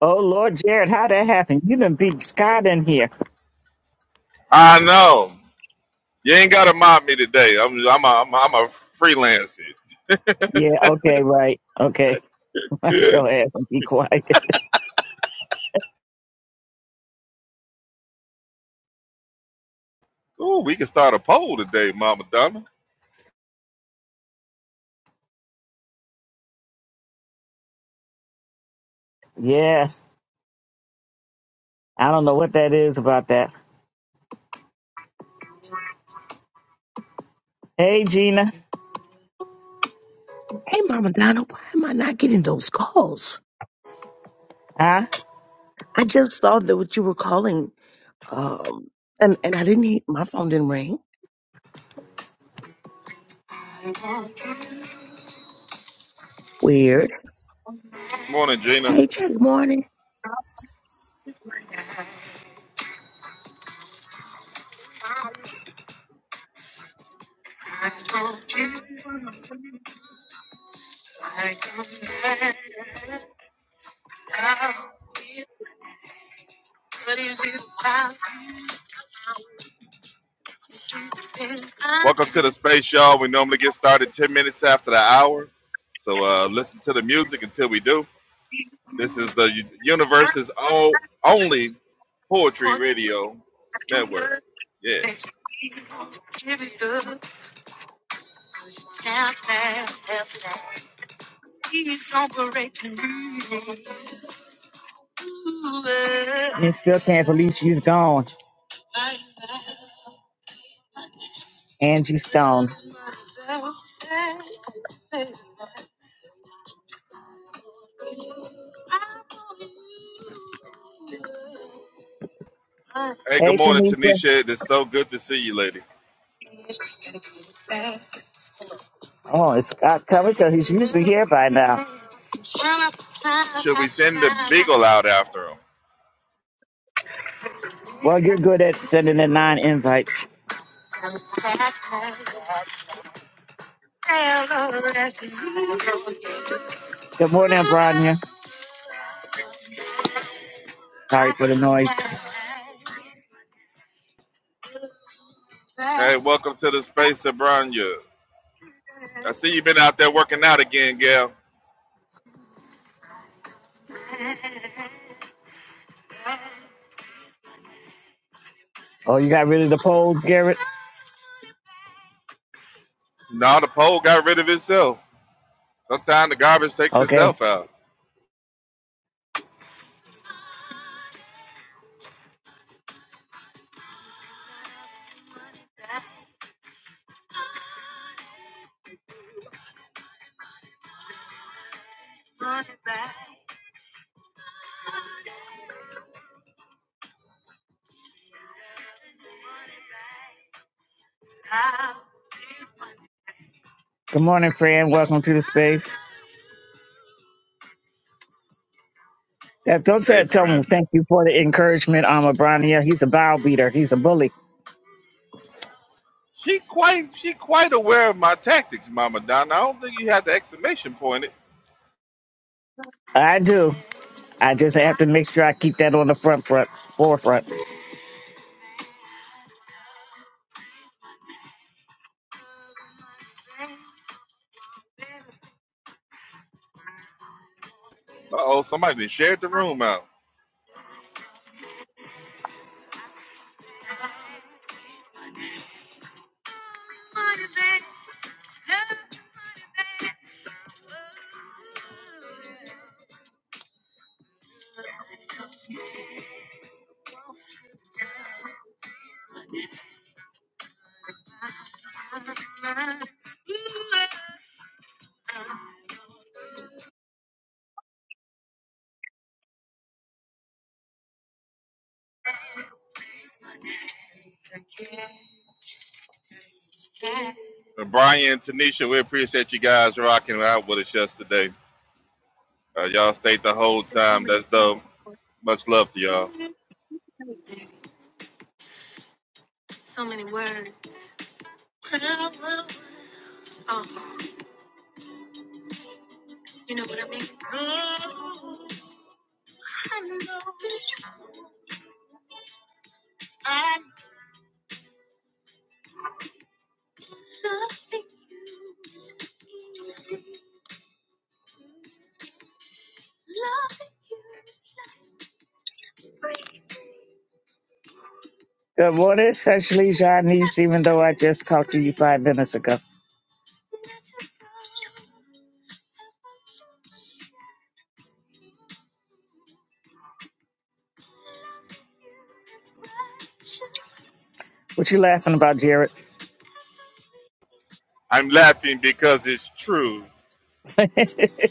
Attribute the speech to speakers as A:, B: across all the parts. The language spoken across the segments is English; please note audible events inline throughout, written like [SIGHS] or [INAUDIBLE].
A: Oh Lord, Jared, how that happened? You done beat Scott in here.
B: I know. You ain't gotta mob me today. I'm I'm a, I'm a, I'm a freelancer. [LAUGHS]
A: Yeah, okay, right. Okay. [LAUGHS] Watch
B: Yeah.
A: your ass and be quiet.
B: Ooh, we can start a poll today, Mama Donna.
A: Yeah. I don't know what that is about that. Hey Gina.
C: Hey, Mama Donna, why am I not getting those calls?
A: Huh?
C: I just saw that what you were calling, um, and and I didn't. hear- My phone didn't ring. Weird.
B: Morning, Gina.
C: Hey, Jay. Good morning.
B: Welcome to the space, y'all. We normally get started ten minutes after the hour, so uh, listen to the music until we do. This is the u- universe's o- only poetry radio network. Yeah.
A: You still can't believe she's gone. Angie Stone.
B: Hey,
A: Hey
B: good morning,
A: Tanisha.
B: Tanisha. It's so good to see you, lady.
A: Oh, is Scott coming? Because he's usually here by now.
B: Should we send the beagle out after him?
A: Well, you're good at sending in nine invites. Good morning, Bronya. Sorry for the noise.
B: Hey, welcome to the space, Sabrina. I see you been out there working out again, Gail.
A: Oh, you got rid of the polls, Garrett?
B: No, the pole got rid of itself. Sometimes the garbage takes
A: Okay.
B: itself out.
A: Good morning, friend. Welcome to the space. That don't
B: Hey,
A: say tell him
B: friend.
A: thank you for the encouragement, um Abrania. He's a bow beater. He's a bully.
B: She quite she quite aware of my tactics, Mama Donna. I don't think you had the exclamation point. Uh
A: I do. I just have to make sure I keep that on the front front forefront.
B: oh, somebody done shared the room out. And Brian and Tanisha, we appreciate you guys rocking out with us yesterday. Uh, y'all stayed the whole time. That's dope. Much love to y'all.
A: Good morning, essentially Janice, even though I just talked to you five minutes ago. What you laughing about, Jared?
B: I'm laughing because it's true.
A: [LAUGHS]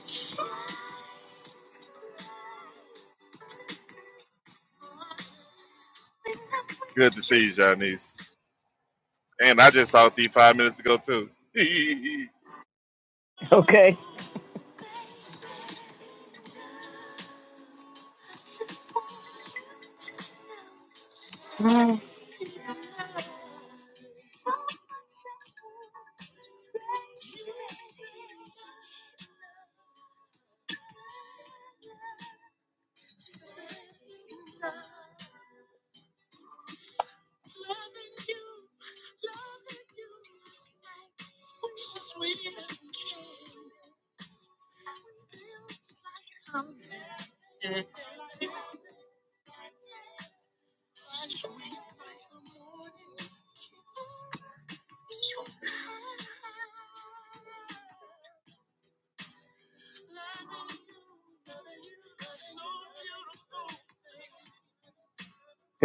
B: Good to see you, Janice. And I just talked to you five minutes ago too. [LAUGHS]
A: okay. Good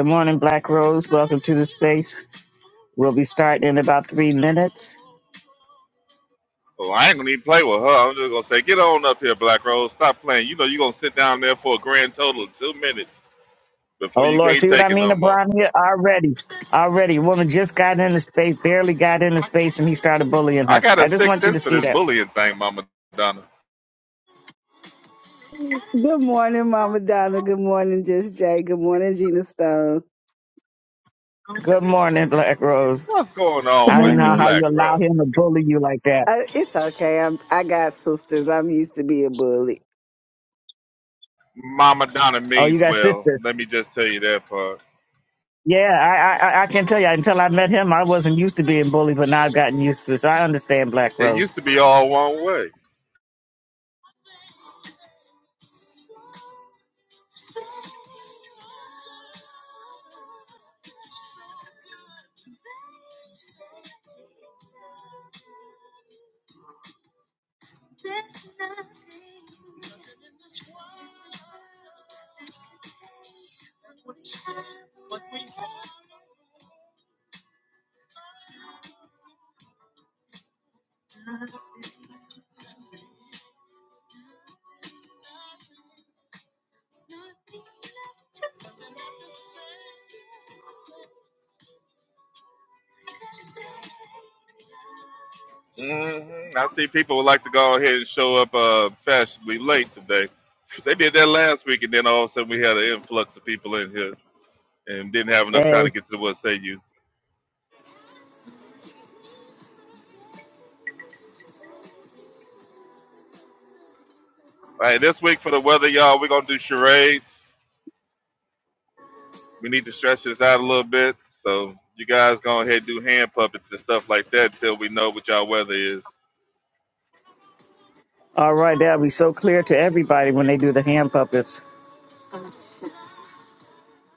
A: morning, Black Rose. Welcome to the space. We'll be starting in about three minutes.
B: Oh, I ain't gonna even play with her. I'm just gonna say, get on up here, Black Rose. Stop playing. You know you gonna sit down there for a grand total of two minutes before
A: Oh
B: you
A: Lord,
B: can't
A: see what I
B: take it
A: mean,
B: no more.
A: Abrania? Already. Already. Woman just got in the space, barely got in the space, and he started bullying
B: I
A: her.
B: got
A: I
B: a
A: just
B: sixth
A: want you
B: sense
A: to
B: for
A: see
B: this
A: that.
B: bullying thing, Mama Donna.
D: Good morning, Mama Donna. Good morning, Just Jay. Good morning, Gina Stone.
A: Good morning, Black Rose.
B: What's going
C: Good
B: on
A: I don't
B: with you,
A: know how
C: morning.
B: Black
A: you allow
B: Rose?
A: him to bully you like that.
D: Uh, it's okay. I'm. I got sisters. I'm used to be a bully.
B: Mama Donna
A: Oh, you
B: means
A: got
B: well.
A: sisters.
B: Let me just tell you that part.
A: Yeah, I, I I I can tell you. Until I met him, I wasn't used to being bullied, but now I've gotten used to it. So I understand Black
B: It
A: Rose.
B: used to be all one way. hmm I see people would like to go ahead and show up uh, fashionably late today. They did that last week, and then all of a sudden we had an influx of people in here and didn't have enough time
A: Hey,
B: to get to the what say you. All right, this week for the weather, y'all, we're gonna do charades. We need to stretch this out a little bit. So you guys go ahead and do hand puppets and stuff like that until we know what y'all weather is.
A: all right, that'll be so clear to everybody when they do the hand puppets.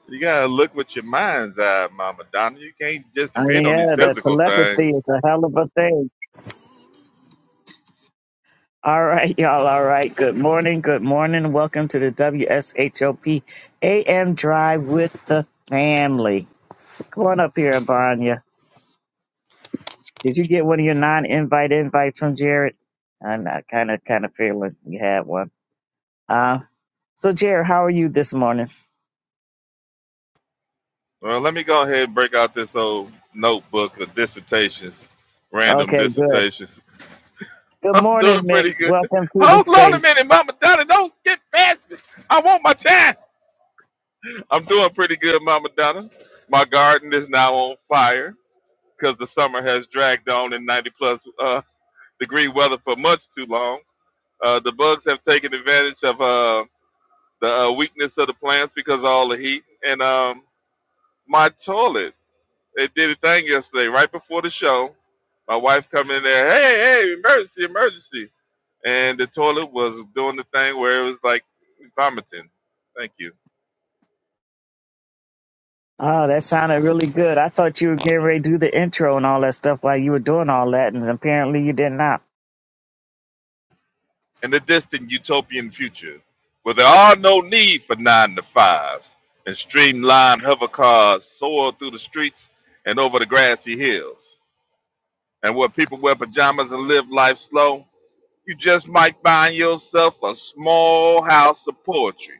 B: You gotta look with your mind's eye, Mama Donna. You can't just
A: Oh
B: depend on these
A: yeah, the
B: physical
A: telepathy
B: things.
A: is a hell of a thing. All right, [LAUGHS] y'all. All right. Good morning. Good morning. Welcome to the W S H O P A M Drive with the family. Come on up here, Abanya. Did you get one of your non-invite invites from Jared? I'm kind of kind of feeling you had one. Uh, so Jared, how are you this morning?
B: Well, let me go ahead and break out this old notebook of dissertations, random
A: Okay, good.
B: dissertations. [LAUGHS]
A: Good
B: I'm
A: morning,
B: doing
A: Mick.
B: pretty good.
A: Welcome to the
B: Hold on a
A: space.
B: minute, Mama Donna. Don't skip past me. I want my time. I'm doing pretty good, Mama Donna. My garden is now on fire because the summer has dragged on in 90 plus uh, degree weather for much too long. Uh, the bugs have taken advantage of uh, the uh, weakness of the plants because of all the heat. And um, my toilet, it did a thing yesterday right before the show. My wife come in there, hey, hey, emergency, emergency. And the toilet was doing the thing where it was like vomiting. Thank you.
A: Oh, that sounded really good. I thought you were getting ready to do the intro and all that stuff while you were doing all that, and apparently you did not. [LAUGHS]
B: in the distant utopian future where there are no need for nine to fives and streamlined hover cars soar through the streets and over the grassy hills and where people wear pajamas and live life slow you just might find yourself a small house of poetry.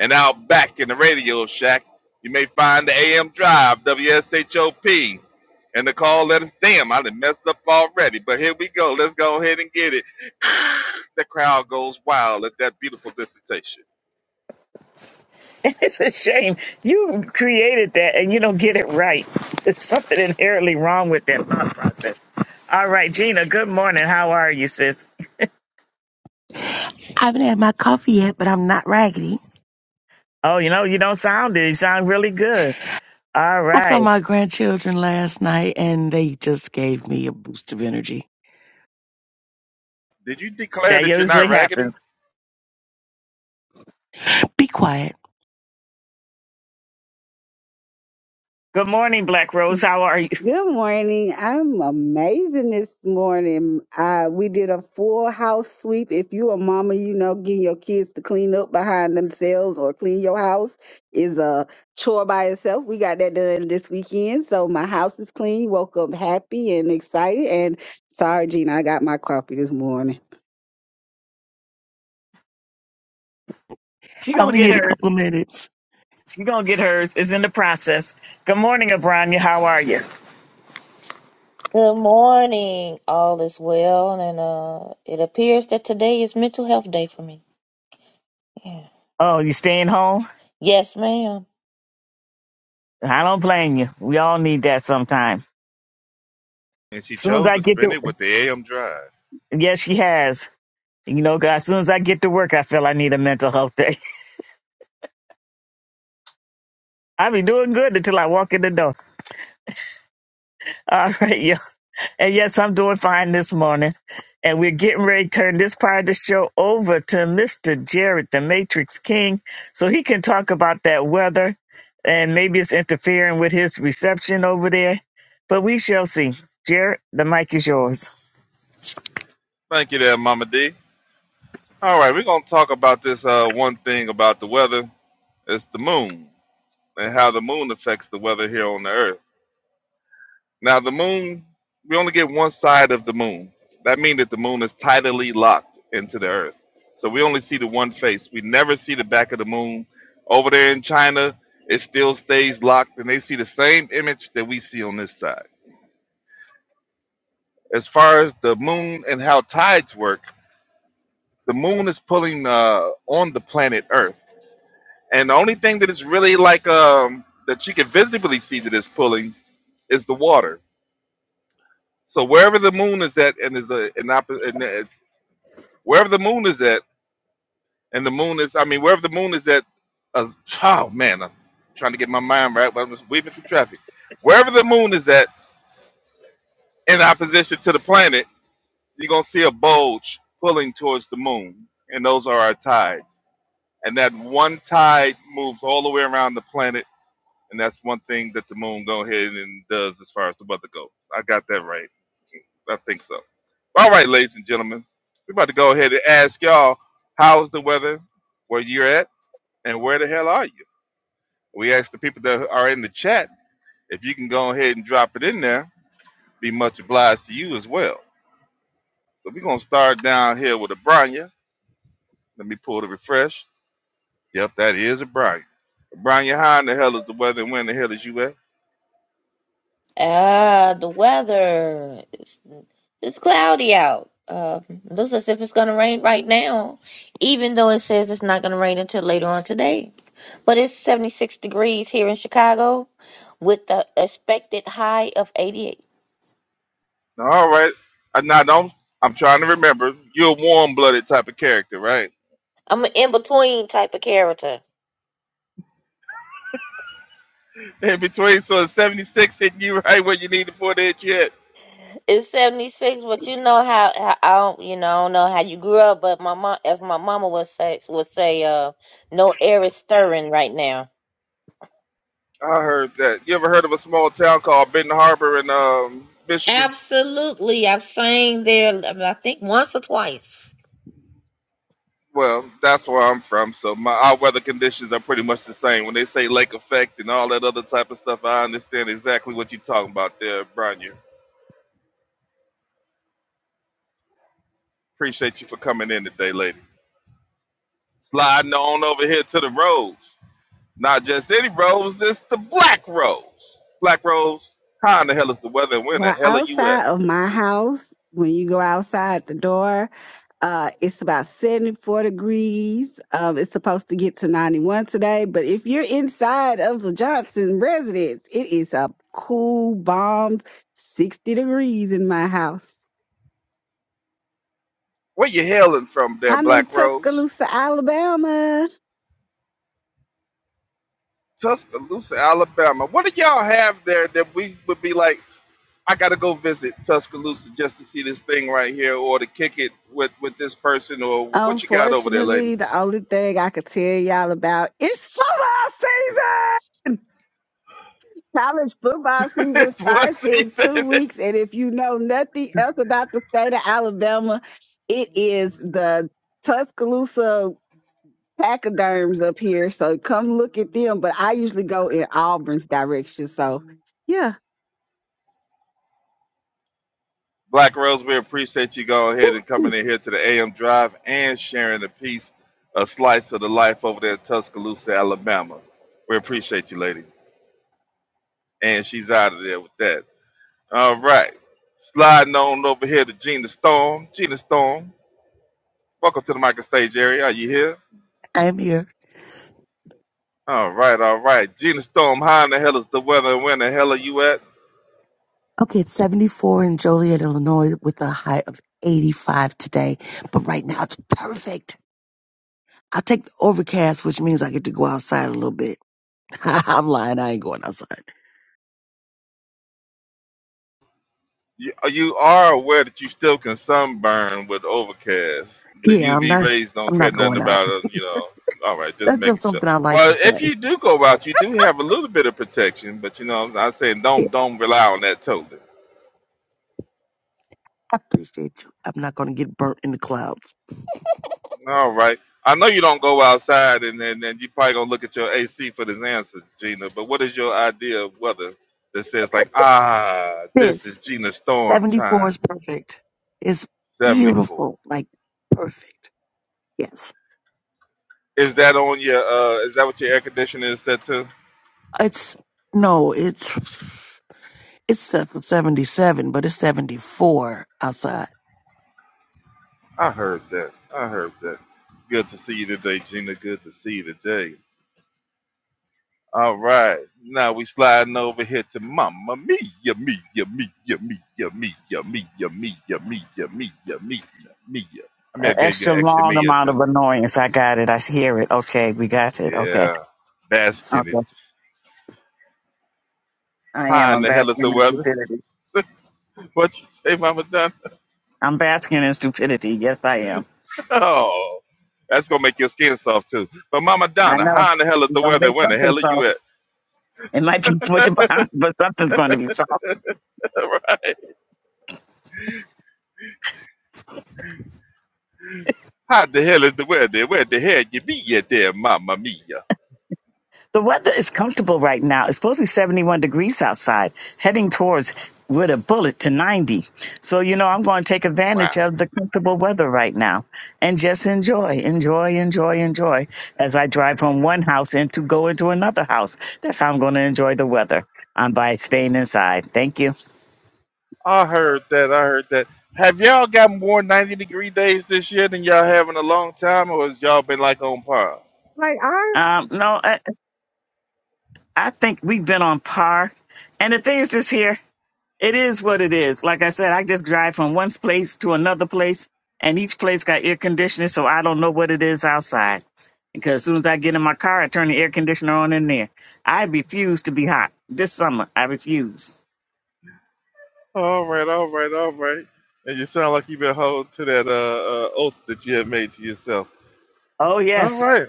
B: And out back in the radio shack, you may find the AM Drive, WSHOP, and the call letters. Damn, I done messed up already, but here we go. Let's go ahead and get it. [SIGHS] the crowd goes wild at that beautiful dissertation.
A: It's a shame you created that and you don't get it right. There's something inherently wrong with that thought process. All right, Gina. Good morning. How are you, sis?
C: I haven't had my coffee yet, but I'm not raggedy.
A: Oh, you know, you don't sound it. You sound really good. All
C: I saw
A: right.
C: my grandchildren last night, and they just gave me a boost of energy.
B: Did you declare
A: That
B: that you're
A: usually
B: not raggedy?
A: happens.
C: be quiet.
A: Good morning, Black Rose. How are you? [LAUGHS]
D: Good morning. I'm amazing this morning. Uh, we did a full house sweep. If you a mama, you know getting your kids to clean up behind themselves or clean your house is a chore by itself. We got that done this weekend, so my house is clean. Woke up happy and excited. And sorry, Gina, I got my coffee this morning.
A: She
C: I
A: gonna
C: only
A: get
C: need a
A: hers.
C: couple of minutes.
A: She gonna get hers. It's in the process. Good morning, Abranya. How are you?
E: Good morning. All is well, and uh, it appears that today is Mental Health Day for me. Yeah.
A: Oh, you staying home?
E: Yes, ma'am.
A: I don't blame you. We all need that sometime.
B: And she
A: soon as
B: chose
A: I
B: to
A: get
B: spend
A: to
B: it with the AM Drive.
A: Yes, she has. You know, God, as soon as I get to work, I feel I need a mental health day. [LAUGHS] I be doing good until I walk in the door. All right, And yes, I'm doing fine this morning. And we're getting ready to turn this part of the show over to Mr. Jared, the Matrix King, so he can talk about that weather and maybe it's interfering with his reception over there. But we shall see. Jared, the mic is yours.
B: Thank you there, Mama D. All right, we're going to talk about this uh, one thing about the weather. It's the moon. and how the moon affects the weather here on the earth. Now, the moon, we only get one side of the moon. That means that the moon is tidally locked into the earth. So we only see the one face. We never see the back of the moon. Over there in China, it still stays locked, and they see the same image that we see on this side. As far as the moon and how tides work, the moon is pulling uh, on the planet Earth. And the only thing that is really like um, that you can visibly see that is pulling is the water So wherever the moon is at, and is a an opposite, and it's, wherever the moon is at, and the moon is, I mean, wherever the moon is at, uh, oh man, I'm trying to get my mind right, but I'm just weaving through traffic. Wherever the moon is at, in opposition to the planet, you're gonna see a bulge pulling towards the moon, and those are our tides. And that one tide moves all the way around the planet, and that's one thing that the moon go ahead and does as far as the weather goes. I got that right. I think so. All right, ladies and gentlemen, we're about to go ahead and ask y'all how's the weather where you're at and where the hell are you? We asked the people that are in the chat if you can go ahead and drop it in there. Be much obliged to you as well. So we're gonna start down here with Abranya. Let me pull the refresh. Yep, that is Abranya. Abranya, how in the hell is the weather and where in the hell is you at?
E: Ah, the weather. It's, it's cloudy out. Um, looks as if it's gonna rain right now, even though it says it's not gonna rain until later on today. But it's 76 degrees here in Chicago, with the expected high of 88.
B: All right. I now don't I'm trying to remember. You're a warm blooded type of character, right?
E: I'm an in-between type of character.
B: in between. So a 76 hitting you right where you need the for to hit you at.
E: It's 76, but you know how, how I don't, you know, I don't know how you grew up, but my mom, as my mama would say, would say, uh, no air is stirring right now.
B: I heard that. You ever heard of a small town called Benton Harbor in um, Michigan?
E: Absolutely. I've sang there, I think once or twice.
B: Well, that's where I'm from, so my our weather conditions are pretty much the same. When they say lake effect and all that other type of stuff, I understand exactly what you're talking about there, Bronya. Appreciate you for coming in today, lady. Sliding on over here to the roads. Not just any roads, it's the black roads. Black roads, how in the hell is the weather and where in the
D: Well,
B: hell are you at?
D: outside of my house, when you go outside the door, uh, it's about 74 degrees. Um, it's supposed to get to 91 today, but if you're inside of the Johnson residence, it is a cool, balmed 60 degrees in my house.
B: Where you hailing from there,
D: I'm in
B: Black Rose?
D: Tuscaloosa, Alabama.
B: Tuscaloosa, Alabama. What do y'all have there that we would be like, I gotta go visit Tuscaloosa just to see this thing right here or to kick it with, with this person or what you got over there, lady?
D: Unfortunately, the only thing I could tell y'all about is football season. College football
B: [LAUGHS]
D: season
B: it's one
D: starts in
B: season.
D: two weeks, and if you know nothing else about the state of Alabama, it is the Tuscaloosa pachyderms up here. So come look at them. But I usually go in Auburn's direction. So yeah,
B: Black Rose, we appreciate you going ahead and coming in here to the AM Drive and sharing a piece, a slice of the life over there in Tuscaloosa, Alabama. We appreciate you, lady. And she's out of there with that. All right. Sliding on over here to Gina Storm. Gina Storm, welcome to the mic and stage area. Are you here?
C: I'm here.
B: All right, all right. Gina Storm, how in the hell is the weather and where in the hell are you at?
C: Okay, it's 74 in Joliet, Illinois, with a high of 85 today. But right now, it's perfect. I take the overcast, which means I get to go outside a little bit. [LAUGHS] I'm lying. I ain't going outside.
B: You, you are aware that you still can sunburn with overcast. The
C: Yeah, I'm
B: UV
C: not.
B: rays don't
C: I'm
B: care
C: not
B: nothing
C: going out.
B: about it, you know. All right, just
C: That's just
B: making sure.
C: something I like to
B: Well, if
C: say.
B: you do go out, you do have a little bit of protection, but you know, I'm saying
C: Yeah,
B: don't don't rely on that totally.
C: I appreciate you. I'm not going to get burnt in the clouds.
B: All right. I know you don't go outside, and then and you probably gonna look at your AC for this answer, Gina. But what is your idea of weather that says like, ah, this
C: This
B: is Gina Storm
C: 74
B: time,
C: is perfect. It's
B: seventy four?
C: beautiful, like perfect. Yes,
B: Is that on your? uh Is that what your air conditioner is set to?
C: it's no, it's it's set for 77, but it's 74 outside.
B: I heard that. I heard that. Good to see you today, Gina. Good to see you today. All right. Now we sliding over here to Mama Mia, Mia, Mia, Mia, Mia, Mia, Mia, Mia, Mia, Mia, Mia, Mia, Mia. I mean,
A: An
B: I gave you
A: extra
B: an extra
A: long
B: Mia
A: amount
B: too.
A: of annoyance. I got it. I hear it. Okay, we got it. Okay.
B: Yeah, bask in it.
A: Okay. I am.
B: How in
A: I'm
B: the hell is the
A: basking in
B: weather?
A: stupidity.
B: [LAUGHS] what you say, Mama Donna? [LAUGHS]
A: I'm basking in stupidity. Yes, I am.
B: Oh, that's gonna make your skin soft too. But Mama
A: I
B: Donna,
A: know.
B: how in the hell is
A: You're
B: the
A: going to
B: weather?
A: make
B: Where the
A: something
B: hell are
A: So.
B: you at?
A: It might be [LAUGHS] switching behind, but something's going to be solved.
B: [LAUGHS] right? How the hell is the weather? Where the hell you be at there, Mama Mia?
A: The weather is comfortable right now. It's supposed to be 71 degrees outside, heading towards with a bullet to 90. So, you know, I'm going to take
B: Wow.
A: advantage of the comfortable weather right now and just enjoy, enjoy, enjoy, enjoy as I drive from one house and to go into another house. That's how I'm going to enjoy the weather um, by staying inside. Thank you.
B: I heard that. I heard that. Have y'all got more 90 degree days this year than y'all have in a long time, or has y'all been like on par?
D: like ours.
A: Um, no, I, I think we've been on par. And the thing is this here. It is what it is. Like I said, I just drive from one place to another place, and each place got air conditioning, so I don't know what it is outside. Because as soon as I get in my car, I turn the air conditioner on in there. I refuse to be hot this summer. I refuse.
B: All right, all right, all right. And you sound like you've been holding to that uh, uh, oath that you have made to yourself.
A: Oh
B: All
A: yes,
B: right.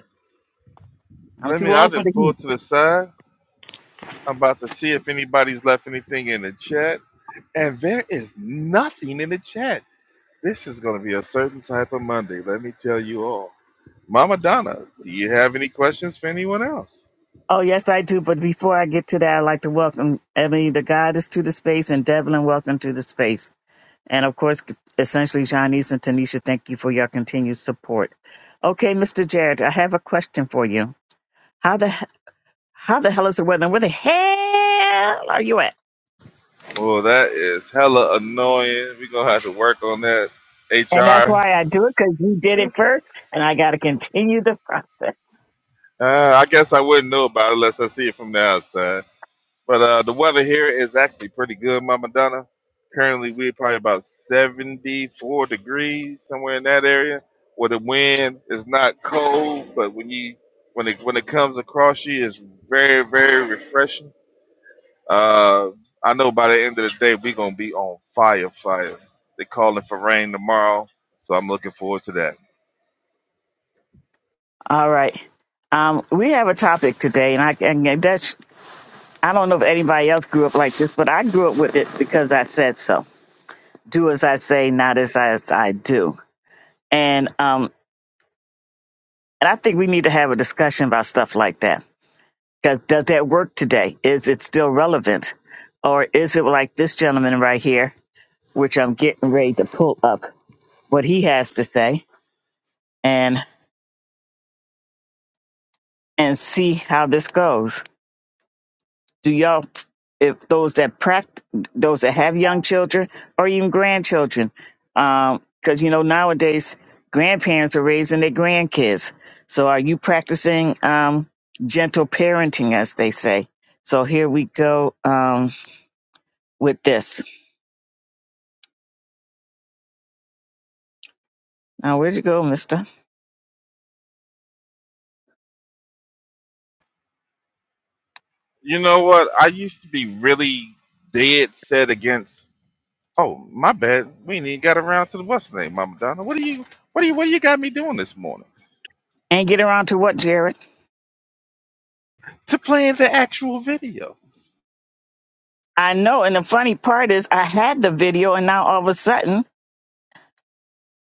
A: I'm
B: Let
A: too
B: me, I
A: old for the
B: didn't pull
A: heat.
B: to the side. I'm about to see if anybody's left anything in the chat. And there is nothing in the chat. This is going to be a certain type of Monday, let me tell you all. Mama Donna, do you have any questions for anyone else?
A: Oh yes, I do. But before I get to that, I'd like to welcome Ebony, the goddess, to the space, and Devlin, welcome to the space. And of course, essentially, Johnny's and Tanisha, thank you for your continued support. Okay, Mr. Jared, I have a question for you. How the he- how the hell is the weather? Where the hell are you at?
B: Well, that is hella annoying. We're gonna have to work on that
A: And that's
B: HR.
A: why I do it because you did it first, and I got to continue the process.
B: Uh, I guess I wouldn't know about it unless I see it from the outside. But uh, the weather here is actually pretty good, Mama Donna. Currently, we're probably about 74 degrees, somewhere in that area, where the wind is not cold, but when you when it when it comes across you, it's very very refreshing. Uh, I know by the end of the day, we're going to be on fire, fire. they calling for rain tomorrow, so I'm looking forward to that.
A: All right. Um, we have a topic today, and I and that's I don't know if anybody else grew up like this, but I grew up with it because I said so. Do as I say, not as I, as I do. And um, and I think we need to have a discussion about stuff like that. Because does that work today? Is it still relevant, or is it like this gentleman right here? which I'm getting ready to pull up what he has to say and and see how this goes. Do y'all if those that pract those that have young children or even grandchildren um because you know nowadays grandparents are raising their grandkids so are you practicing um gentle parenting as they say so here we go um with this now where'd you go mister
B: You know what? I used to be really dead set against. Oh, my bad. We ain't even got around to the what's the name, Mama Donna. What do you, what do you, what do you got me doing this morning?
A: and get around to what jared
B: To playing the actual video.
A: I know. And the funny part is, I had the video, and now all of a sudden,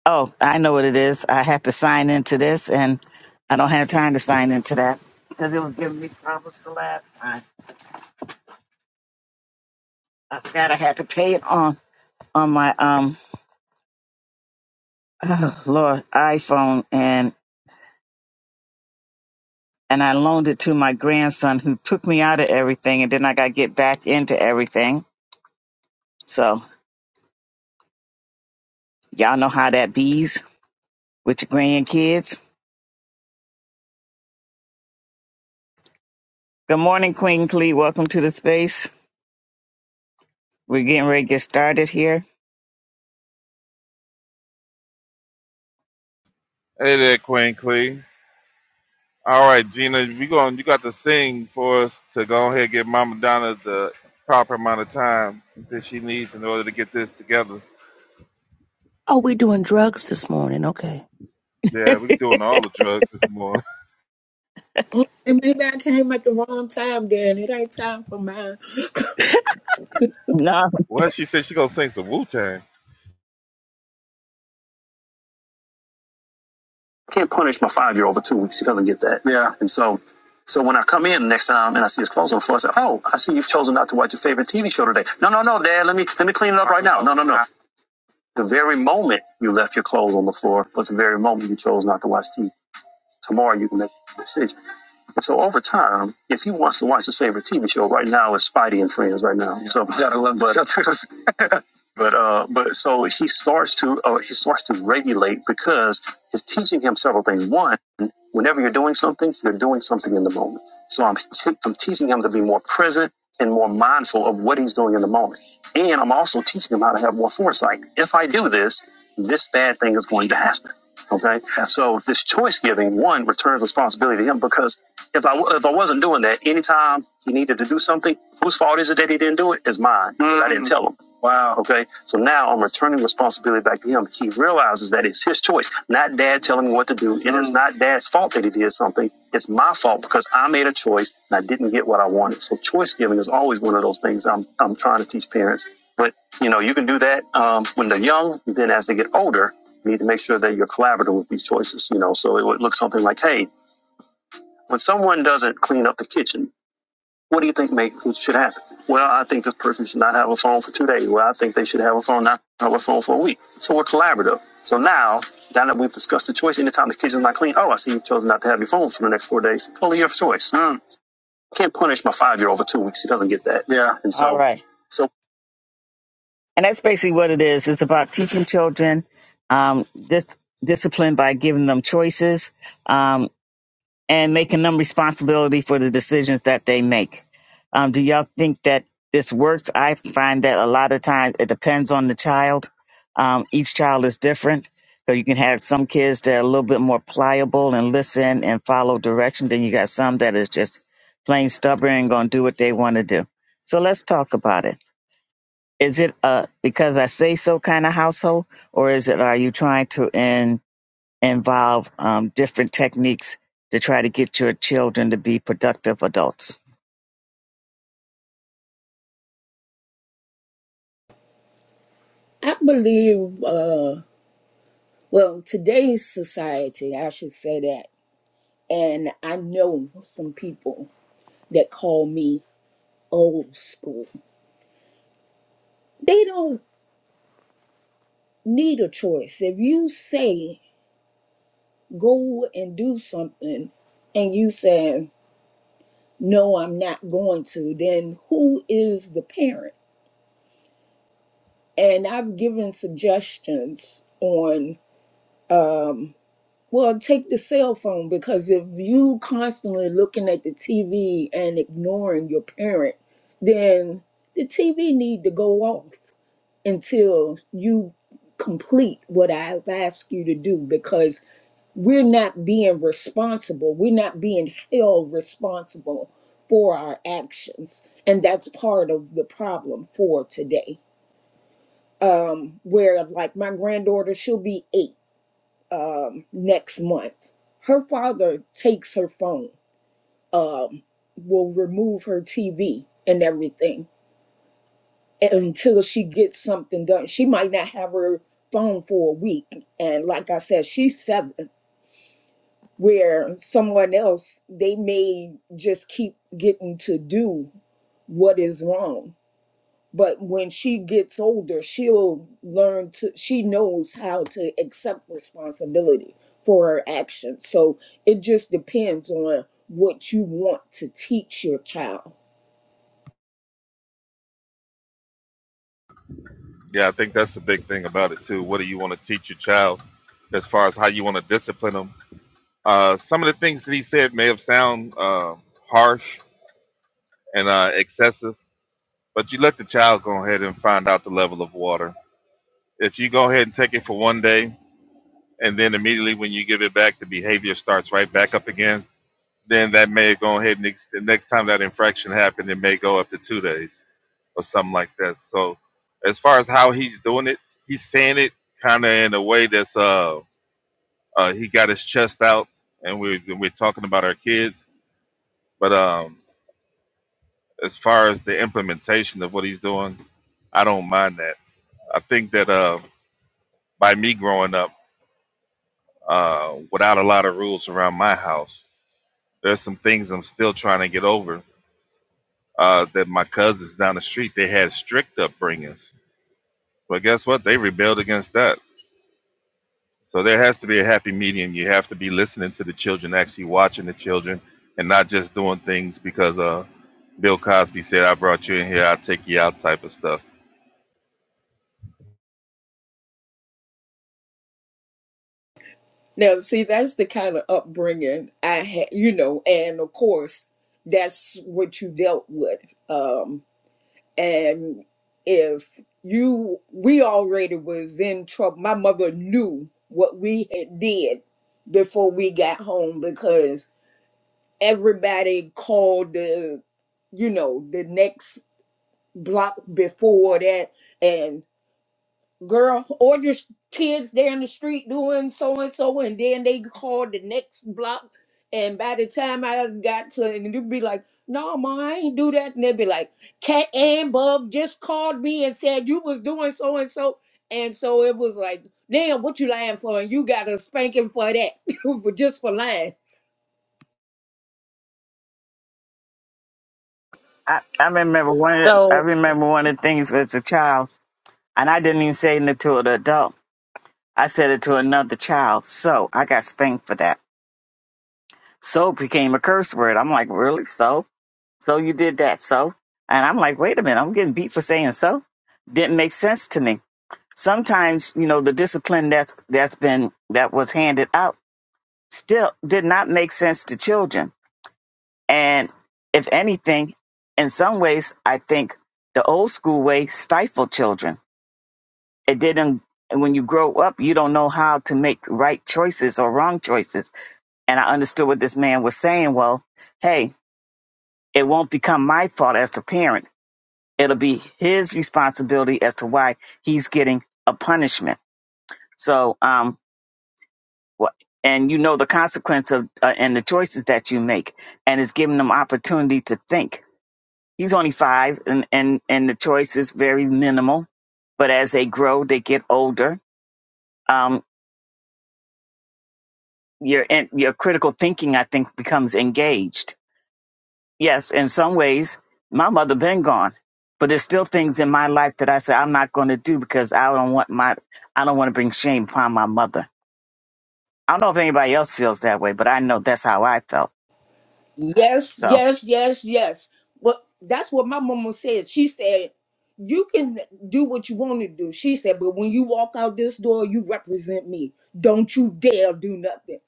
A: oh, I know what it is. I have to sign into this, and I don't have time to sign into that because it was giving me problems the last time. I forgot I had to pay it on on my um, [SIGHS] oh, Lord, iPhone, and and I loaned it to my grandson who took me out of everything, and then I got to get back into everything. So y'all know how that bees with your grandkids. Good morning, Queen Clee. Welcome to the space. We're getting ready to get started here.
B: Hey there, Queen Clee. All right, Gina, we going. You got to sing for us to go ahead and give Mama Donna the proper amount of time that she needs in order to get this together.
C: Oh, we doing drugs this morning. Okay.
A: [LAUGHS]
B: Yeah, we doing all the drugs this morning. [LAUGHS]
F: Okay, maybe I came at the wrong time then. It ain't time for mine.
A: no.
B: Well, she said she gonna sing some Wu Tang.
A: can't punish my five year old for two weeks. She doesn't get that. Yeah. And so, so when I come in next time and I see his clothes on the floor, I say, "Oh, I see you've chosen not to watch your favorite TV show today." No, no, no, Dad. Let me let me clean it up right now. No, no, no. The very moment you left your clothes on the floor was the very moment you chose not to watch TV. Tomorrow you can make a decision. so over time, if he wants to watch his favorite TV show right now, it's Spidey and Friends right now. Yeah. So gotta love but, [LAUGHS] but uh, but so he starts to uh, he starts to regulate because it's teaching him several things. One, whenever you're doing something, you're doing something in the moment. So I'm t- I'm teaching him to be more present and more mindful of what he's doing in the moment. And I'm also teaching him how to have more foresight. If I do this, this bad thing is going to happen. Okay. So this choice giving one returns responsibility to him because if I if I wasn't doing that, anytime he needed to do something, whose fault is it that he didn't do it? It's mine. 'cause I didn't Mm. tell him. Wow. Okay, so now I'm returning responsibility back to him. He realizes that it's his choice, not dad telling me what to do, Mm. and it's Mm. not dad's fault that he did something. It's my fault because I made a choice and I didn't get what I wanted. So choice giving is always one of those things I'm I'm trying to teach parents. But you know, you can do that um, when they're young. Then as they get older, you need to make sure that you're collaborative with these choices. You know, so it would look something like, hey, when someone doesn't clean up the kitchen, what do you think make, should happen? Well, I think this person should not have a phone for two days. Well, I think they should have a phone, not have a phone for a week. So we're collaborative. So now, now that we've discussed the choice, anytime the kitchen's not clean, oh, I see you chose not to have your phone for the next four days. Totally your choice. Hmm. Can't punish my five year old for two weeks. He doesn't get that. Yeah. And so, All right. so And that's basically what it is. It's about teaching children um, this discipline by giving them choices. Um, and making them responsibility for the decisions that they make. Um, do y'all think that this works? I find that a lot of times it depends on the child. Um, each child is different. So you can have some kids that are a little bit more pliable and listen and follow direction. Then you got some that is just plain stubborn and going to do what they want to do. So let's talk about it. Is it a because I say so kind of household, or is it are you trying to involve um, different techniques to try to get your children to be productive adults.
F: [COUGHS] I believe, uh, well, today's society, I should say that. And I know some people that call me old school. They don't need a choice. If you say go and do something and you say, no, I'm not going to, then who is the parent? And I've given suggestions on Well, take the cell phone because if you constantly looking at the TV and ignoring your parent, then the TV need to go off until you complete what I've asked you to do because we're not being responsible. We're not being held responsible for our actions. And that's part of the problem for today. Where like my granddaughter, she'll be eight next month. Her father takes her phone will remove her TV and everything until she gets something done. She might not have her phone for a week. And like I said, she's seven, where someone else, they may just keep getting to do what is wrong. But when she gets older, she'll learn to, she knows how to accept responsibility for her actions. So it just depends on what you want to teach your child
B: Yeah, I think that's the big thing about it too. What do you want to teach your child, as far as how you want to discipline them? Uh, some of the things that he said may have sound uh, harsh and uh, excessive, but you let the child go ahead and find out the level of water. If you go ahead and take it for one day, and then immediately when you give it back, the behavior starts right back up again. Then that may go ahead and ex- the next time that infraction happened, it may go up to two days or something like that. So as far as how he's doing it, he's saying it kind of in a way that's uh, uh he got his chest out, and we're we're talking about our kids. But um, as far as the implementation of what he's doing, I don't mind that. I think that uh, by me growing up uh, without a lot of rules around my house, there's some things I'm still trying to get over. Uh, that my cousins down the street they had strict upbringings, but guess what? They rebelled against that So there has to be a happy medium. You have to be listening to the children, actually watching the children, and not just doing things because uh, Bill Cosby said, "I brought you in here, I'll take you out," type of stuff.
F: Now, see, that's the kind of upbringing I had, you know, and of course, that's what you dealt with. Um, and if you, we already was in trouble. My mother knew what we had did before we got home because everybody called the, you know, the next block before that, and girl, or just kids there in the street doing so and so, and then they called the next block. And by the time I got to it, and they'd be like, "No, ma, I ain't do that." And they'd be like, "Cat and Bub just called me and said you was doing so and so," and so it was like, "Damn, what you lying for?" And you got a spanking for that, [LAUGHS] for just for lying.
A: I, I remember one. of- the- I
E: So,
A: remember one of the things as a child, and I didn't even say it to an adult. I said it to another child. So I got spanked for that. So became a curse word. I'm like, really? So? So you did that? So? And I'm like, wait a minute. I'm getting beat for saying so. Didn't make sense to me. Sometimes, you know, the discipline that's that's been that was handed out still did not make sense to children And if anything, in some ways, I think the old school way stifled children. It didn't, and when you grow up, you don't know how to make right choices or wrong choices. And I understood what this man was saying. Well, hey, it won't become my fault as the parent. It'll be his responsibility as to why he's getting a punishment. So, um, wh- and you know the consequence of uh, and the choices that you make, and it's giving them opportunity to think He's only five, and and and the choice is very minimal. But as they grow, they get older. Um, your your critical thinking, I think, becomes engaged. Yes, in some ways, my mother been gone, but there's still things in my life that I say I'm not going to do because I don't want my I don't want to bring shame upon my mother. I don't know if anybody else feels that way, but I know that's how I felt.
F: Yes,
A: So
F: yes, yes, yes. Well, that's what my mama said. She said, You can do what you want to do. She said, But when you walk out this door, you represent me. Don't you dare do nothing.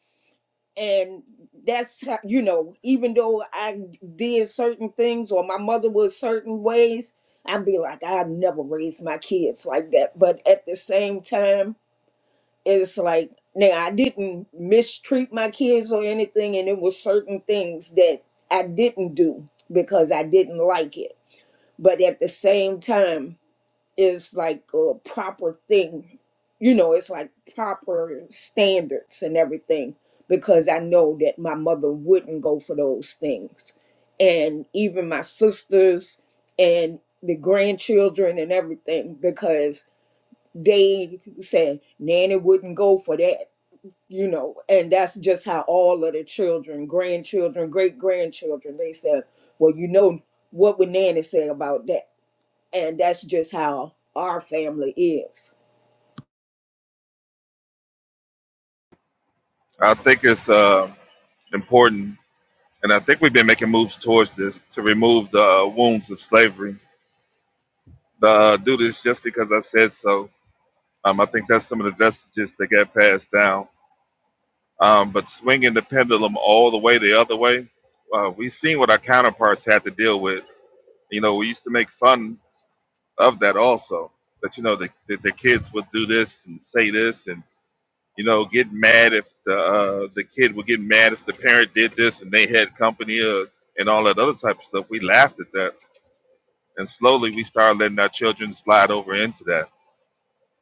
F: And that's how, you know, even though I did certain things or my mother was certain ways, I'd be like, I never raised my kids like that. But at the same time, it's like now I didn't mistreat my kids or anything, and it was certain things that I didn't do because I didn't like it. But at the same time, it's like a proper thing, you know. It's like proper standards and everything because I know that my mother wouldn't go for those things, and even my sisters and the grandchildren and everything because they said Nanny wouldn't go for that you know, and that's just how all of the children, grandchildren, great grandchildren, they said, well, you know, what would Nanny say about that? And that's just how our family is.
B: I think it's uh, important, and I think we've been making moves towards this to remove the uh, wounds of slavery. The uh, do this just because I said so. Um, I think that's some of the vestiges that got passed down. Um, but swinging the pendulum all the way the other way, uh, we've seen what our counterparts had to deal with. You know, we used to make fun of that also. That you know the, the, the kids would do this and say this and you know get mad if the uh, the kid would get mad if the parent did this and they had company uh, and all that other type of stuff. We laughed at that, and slowly we started letting our children slide over into that.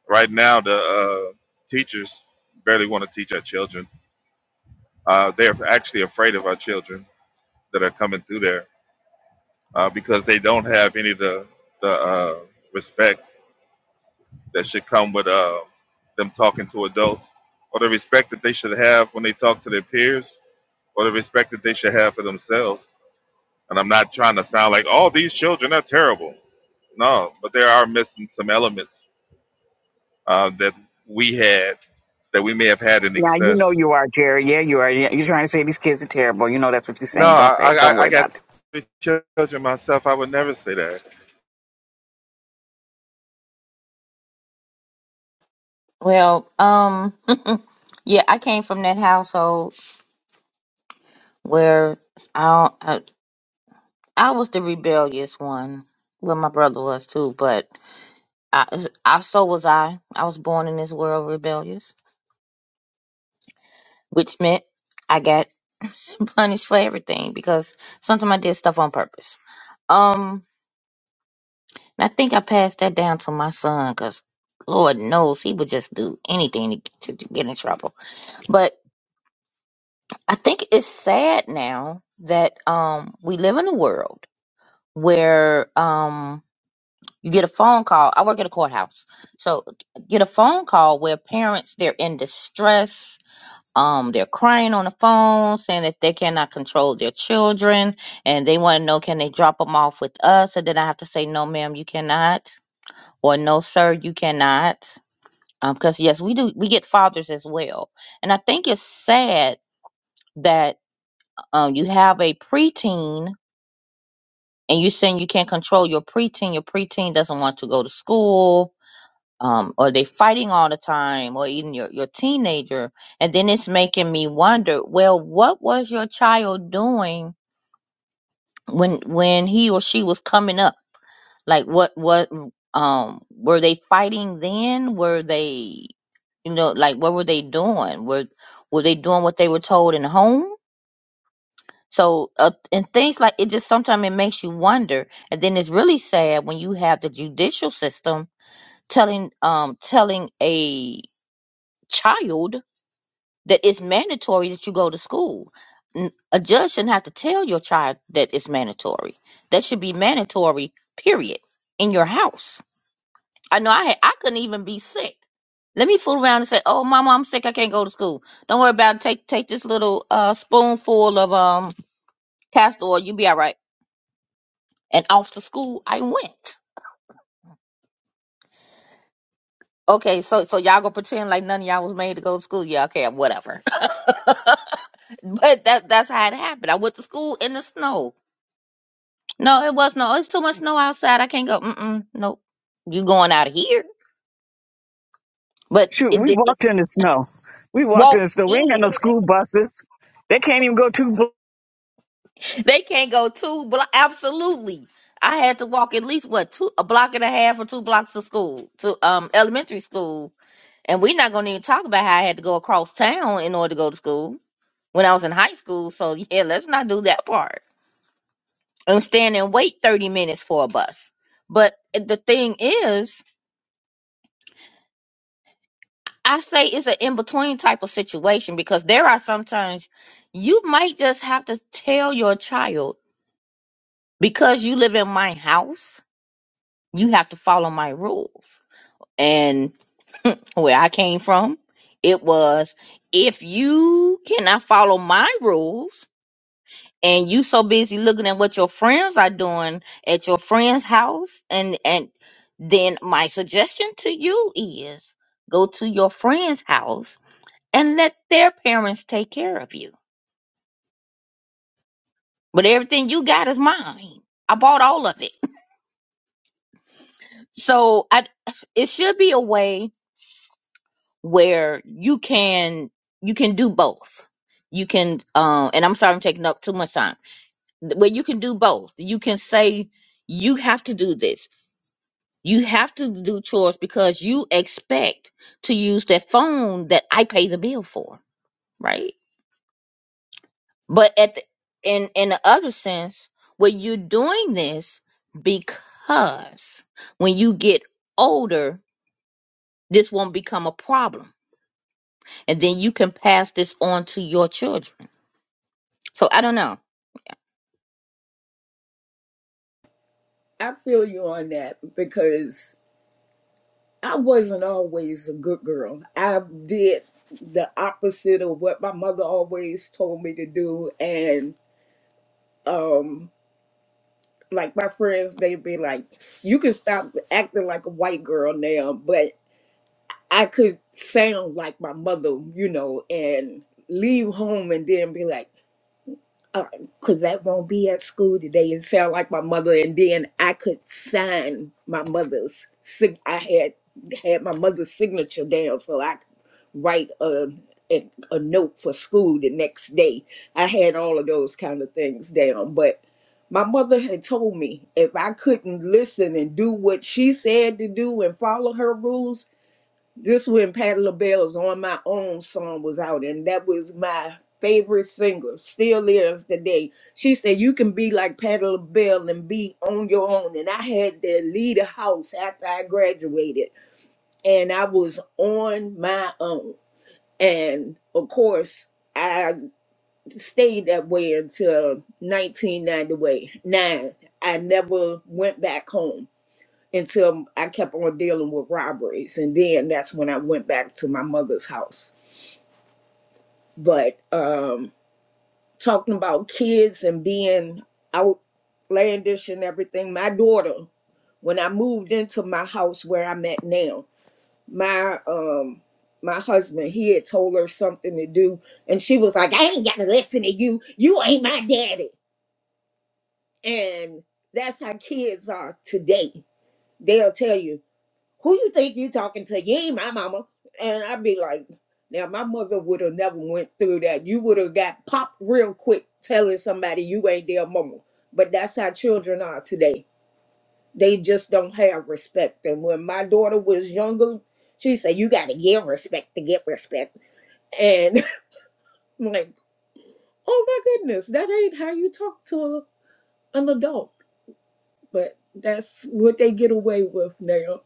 B: Right now, the uh, teachers barely want to teach our children. Uh, they're actually afraid of our children that are coming through there uh, because they don't have any of the the uh, respect that should come with uh, them talking to adults, or the respect that they should have when they talk to their peers, or the respect that they should have for themselves. And I'm not trying to sound like, oh, these children are terrible. No, but there are missing some elements uh, that we had that we may have had in
A: now you know
B: excess.
A: you are Jerry. Yeah, you are. Yeah, You're trying to say these kids are terrible. You know that's what you're
B: No,
A: saying. Don't
B: I,
A: say it. Don't
B: I, I
A: worry
B: got
A: about it.
B: three children myself. I would never say that.
E: well, um, [LAUGHS] yeah, I came from that household where I, I, I was the rebellious one. Well, my brother was too, but I, I, so was I. I was born in this world rebellious, which meant I got I'm punished for everything because sometimes I did stuff on purpose. Um, and I think I passed that down to my son because Lord knows he would just do anything to, to get in trouble. But I think it's sad now that um we live in a world where um you get a phone call. I work at a courthouse, so get a phone call where parents they're in distress um they're crying on the phone saying that they cannot control their children and they want to know can they drop them off with us and then i have to say no ma'am you cannot or no sir you cannot Um, because yes we do we get fathers as well and i think it's sad that um you have a preteen and you're saying you can't control your preteen your preteen doesn't want to go to school um, or they fighting all the time, or even your, your teenager. And then it's making me wonder, well, what was your child doing when when he or she was coming up? Like what what um were they fighting then? Were they you know, like what were they doing? Were were they doing what they were told in home? So uh, and things like it just sometimes it makes you wonder, and then it's really sad when you have the judicial system telling um telling a child that it's mandatory that you go to school. N- A judge shouldn't have to tell your child that it's mandatory. That should be mandatory, period, in your house. I know I had, I couldn't even be sick. Let me fool around and say, "Oh, mama, I'm sick. I can't go to school." Don't worry about it. Take take this little uh, spoonful of um castor oil. You'll be all right. And off to school I went. Okay, so so y'all gonna pretend like none of y'all was made to go to school? Yeah, okay, whatever. [LAUGHS] but that that's how it happened. I went to school in the snow No, it was no. It's too much snow outside. I can't go. Mm-mm. Nope. You going out of here? But
A: Shoot,
E: it,
A: we
E: it, it
A: walked in the snow. We walked in
E: walked
A: the snow. We ain't got
E: in. [LAUGHS]
A: no school buses. They can't even go two blocks.
E: They can't go two block. Absolutely. I had to walk at least what two a block and a half or two blocks to school to um elementary school, and we're not gonna even talk about how I had to go across town in order to go to school when I was in high school. So yeah, let's not do that part and stand and wait thirty minutes for a bus. But eh, the thing is, I say it's an in between type of situation because there are sometimes you might just have to tell your child because you live in my house, you have to follow my rules. And where I came from, it was if you cannot follow my rules and you so busy looking at what your friends are doing at your friend's house and and then my suggestion to you is go to your friend's house and let their parents take care of you. But everything you got is mine. I bought all of it. [LAUGHS] So I it should be a way where you can you can do both. You can um and I'm sorry I'm taking up too much time. But you can do both. You can say you have to do this. You have to do chores because you expect to use that phone that I pay the bill for, right? But at the, in in the other sense, well, you're doing this because when you get older, this won't become a problem, and then you can pass this on to your children. So I don't know.
F: I feel you on that because I wasn't always a good girl. I did the opposite of what my mother always told me to do. And, um, like my friends, they'd be like, you can stop acting like a white girl now, but. I could sound like my mother, you know, and leave home and then be like, uh, cause that won't be at school today and sound like my mother. And then I could sign my mother's, sig- I had had my mother's signature down so I could write a, a, a note for school the next day. I had all of those kind of things down. But my mother had told me if I couldn't listen and do what she said to do and follow her rules, this when Patti LaBelle's "On My Own" song was out, and that was my favorite single. Still is today. She said, "You can be like Patti LaBelle and be on your own." And I had to leave the house after I graduated, and I was on my own. And of course, I stayed that way until 1998. Nine. I never went back home until I kept on dealing with robberies. And then that's when I went back to my mother's house. But um, talking about kids and being outlandish and everything, my daughter, when I moved into my house where I'm at now, my um my husband he had told her something to do and she was like i ain't gotta listen to you you ain't my daddy and that's how kids are today they'll tell you who you think you talking to? You ain't my mama. And I'd be like, now my mother would have never went through that. You would have got popped real quick telling somebody you ain't their mama. But that's how children are today. They just don't have respect. And when my daughter was younger, she said, you got to give respect to get respect. And [LAUGHS] I'm like, oh my goodness, that ain't how you talk to an adult. But that's what they get away with now.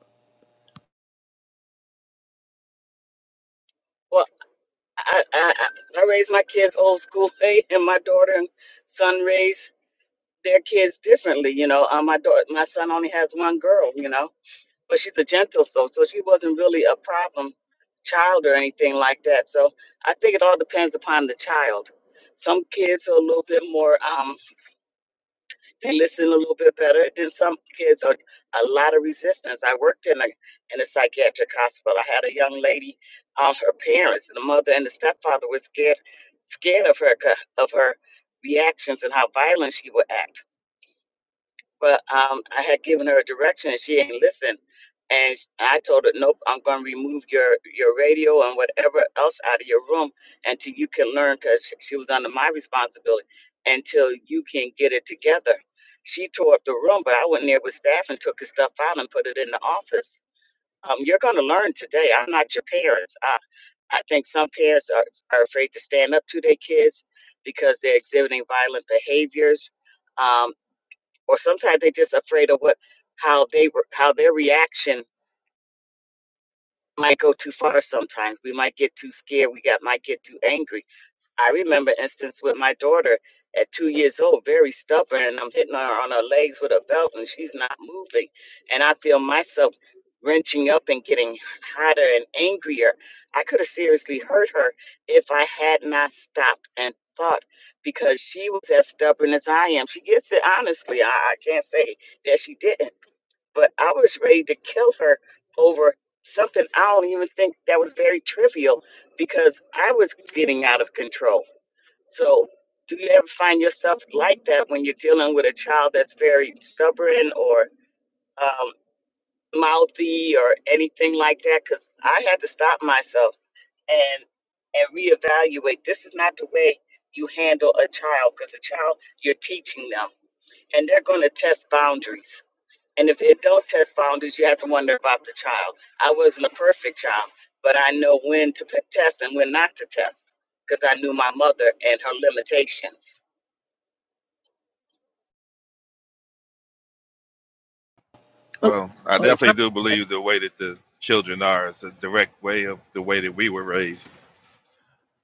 F: Oh,
B: Well, I
F: oh,
B: definitely do believe the way that the children are is a direct way of the way that we were raised.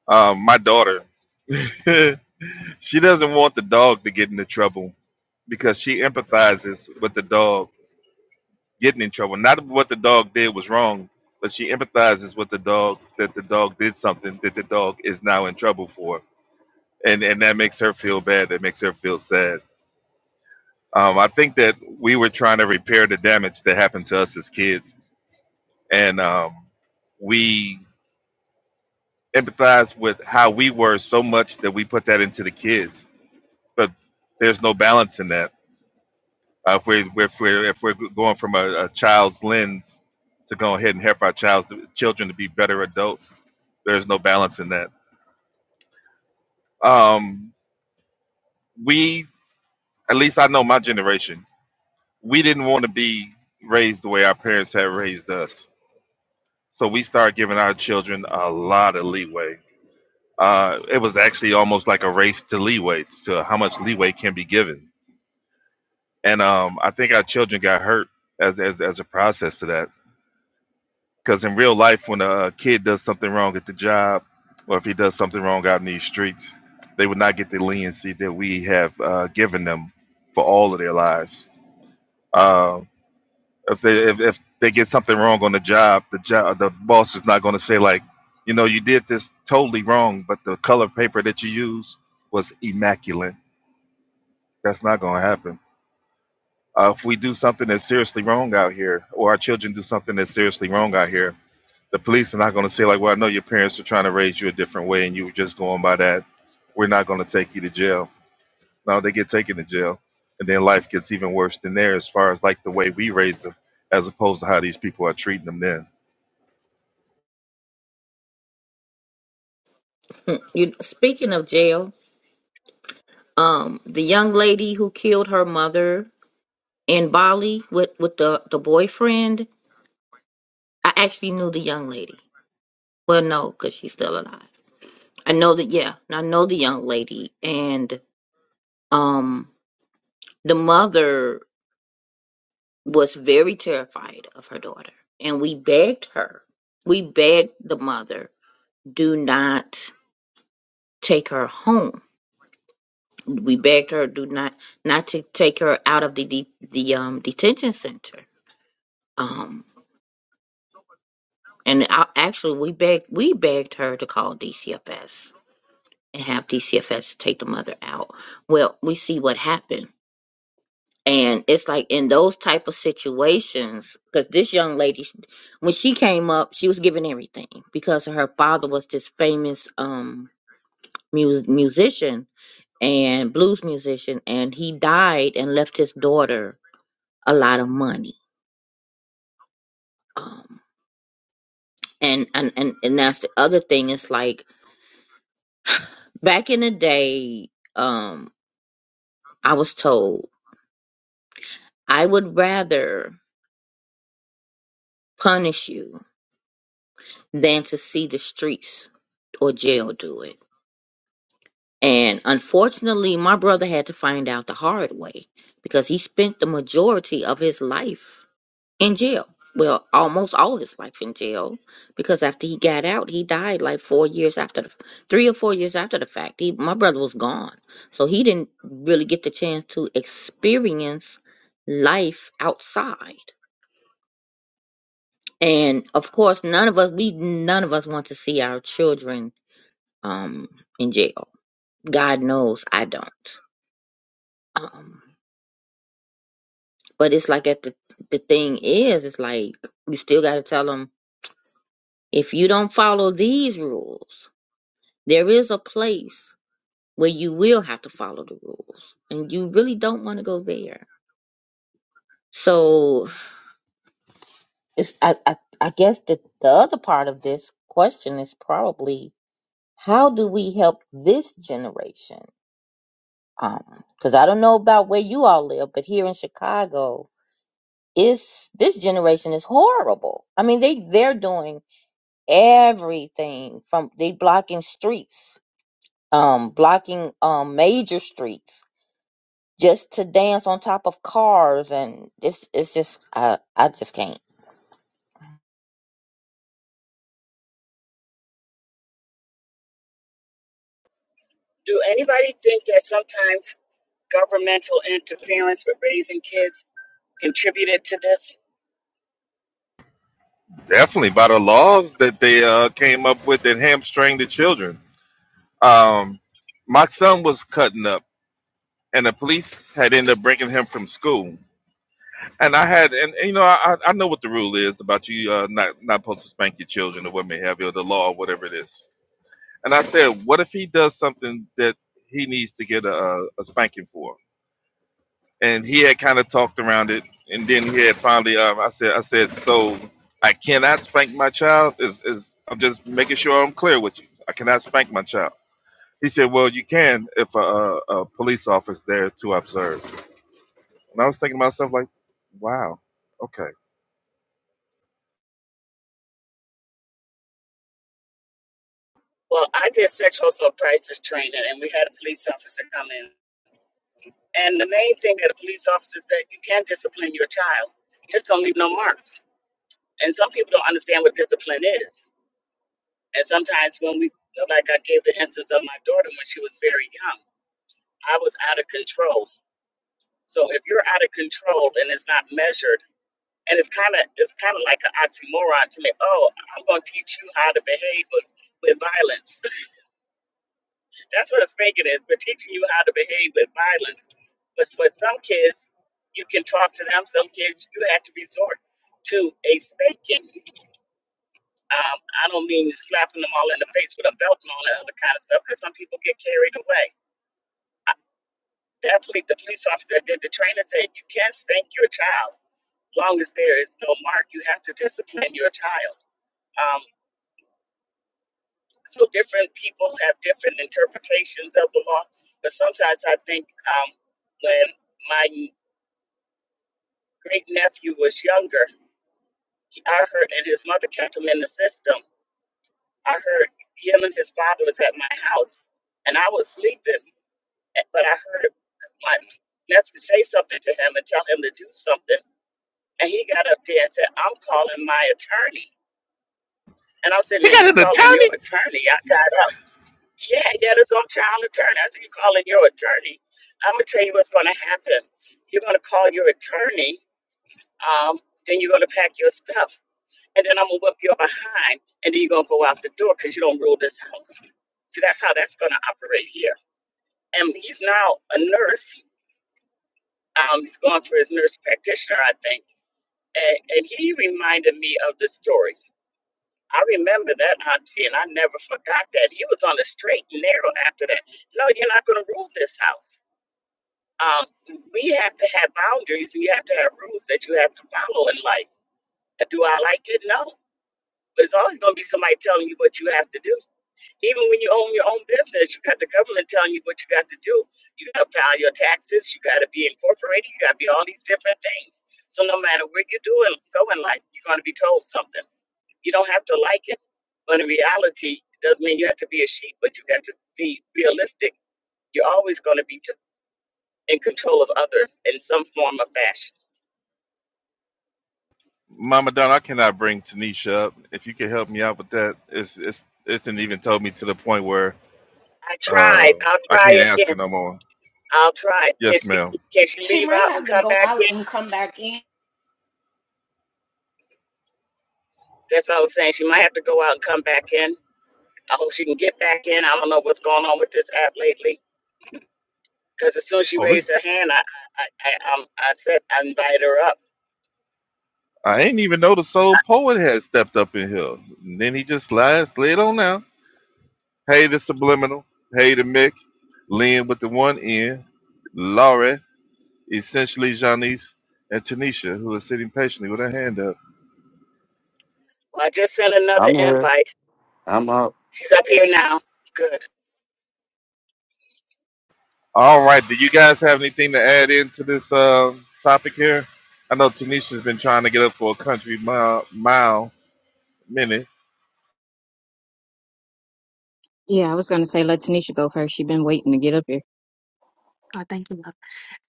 B: Um, my daughter. [LAUGHS] She doesn't want the dog to get into trouble because she empathizes with the dog getting in trouble. Not what the dog did was wrong, but she empathizes with the dog that the dog did something that the dog is now in trouble for. And and that makes her feel bad. That makes her feel sad. Um, I think that we were trying to repair the damage that happened to us as kids. And um, we empathize with how we were so much that we put that into the kids. But there's no balance in that Uh, if we're if we're if we're going from a, a child's lens to go ahead and help our child's children to be better adults, there's no balance in that. Um, we, at least I know my generation, we didn't want to be raised the way our parents had raised us, so we started giving our children a lot of leeway. Uh, it was actually almost like a race to leeway to how much leeway can be given, and um, I think our children got hurt as as as a process to that Because in real life, when a kid does something wrong at the job, or if he does something wrong out in these streets, they would not get the leniency that we have uh, given them for all of their lives. Uh, if they if, if they get something wrong on the job, the job the boss is not going to say like, you know, you did this totally wrong, but the color paper that you used was immaculate. That's not going to happen. Uh, if we do something that's seriously wrong out here, or our children do something that's seriously wrong out here, The police are not going to say like, "Well, I know your parents were trying to raise you a different way, and you were just going by that. We're not going to take you to jail." No, they get taken to jail, and then life gets even worse than there as far as like the way we raised them, as opposed to how these people are treating them then.
E: Mm, You speaking of jail, um, the young lady who killed her mother in Bali with with the the boyfriend, I actually knew the young lady. Well, no, because she's still alive. I know that. Yeah, I know the young lady, and um, the mother was very terrified of her daughter. And we begged her, we begged the mother, do not take her home. We begged her, do not not to take her out of the de- the um, detention center. Um, and I, actually, we begged we begged her to call DCFS and have DCFS take the mother out. Well, we see what happened. And it's like in those type of situations, because this young lady, when she came up, she was given everything because her father was this famous um mu- musician and blues musician, and he died and left his daughter a lot of money. Um, and and and and that's the other thing. It's like back in the day, um, I was told I would rather punish you than to see the streets or jail do it And unfortunately, my brother had to find out the hard way because he spent the majority of his life in jail. Well, almost all his life in jail because after he got out, he died like four years after the three or four years after the fact. He, my brother was gone. So he didn't really get the chance to experience life outside. And of course, none of us, we, none of us want to see our children, um, in jail. God knows I don't. Um, But it's like that the the thing is, it's like we still got to tell them if you don't follow these rules, there is a place where you will have to follow the rules, and you really don't want to go there. So it's I I, I guess that the other part of this question is probably how do we help this generation? Um, because I don't know about where you all live, but here in Chicago, is this generation is horrible. I mean, they they're doing everything from they blocking streets um blocking um major streets just to dance on top of cars and this it's just i i just can't
B: Definitely by the laws that they uh, came up with that hamstring the children. Um, my son was cutting up, and the police had ended up bringing him from school. And I had, and, and, you know, I, I know what the rule is about you uh, not not supposed to spank your children or what may have you, or the law or whatever it is. And I said, what if he does something that he needs to get a, a spanking for? And he had kind of talked around it, and then he had finally, um, I said, I said, so I cannot spank my child. Is is I'm just making sure I'm clear with you. I cannot spank my child. He said, well, you can if a, a, a police officer there to observe. And I was thinking to myself, like, wow, okay. He got an attorney. Mama Donna, I cannot bring Tanisha up. If you could help me out with that, it's it's it's didn't even told me to the point where uh I can't ask her no more. Yes, ma'am.
F: She might have.
B: Oh, we, I ain't even know the soul poet had stepped up in here. And then he just slid slid on now. Hey, the subliminal. Hey, the Mick. Lynn with the one N. Laurie, essentially Janice, and Tanisha, who is sitting patiently with her hand up.
G: I'm here. I'm up.
B: All right. Do you guys have anything to add into this uh, topic here? I know Tanisha's been trying to get up for a country mile, mile minute.
H: Yeah, I was going to say let Tanisha go first. She's been waiting to get up here.
I: God, thank you, love.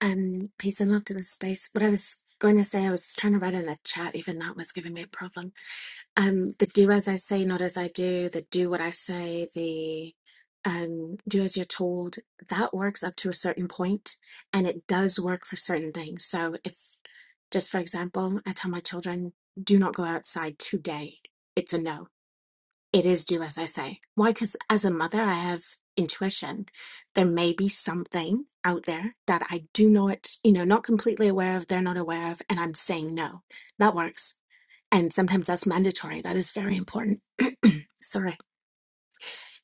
I: Um, peace and love to the space. What I was going to say, I was trying to write in the chat, even that was giving me a problem. Um, the do as I say, not as I do, the do what I say, the um, do as you're told, that works up to a certain point, and it does work for certain things. So if, just for example, I tell my children, do not go outside today, it's a no it is do as I say. Why? Because as a mother, I have intuition. There may be something out there that I do not, you know, not completely aware of, they're not aware of, and I'm saying no. That works. And sometimes that's mandatory. That is very important. Sorry.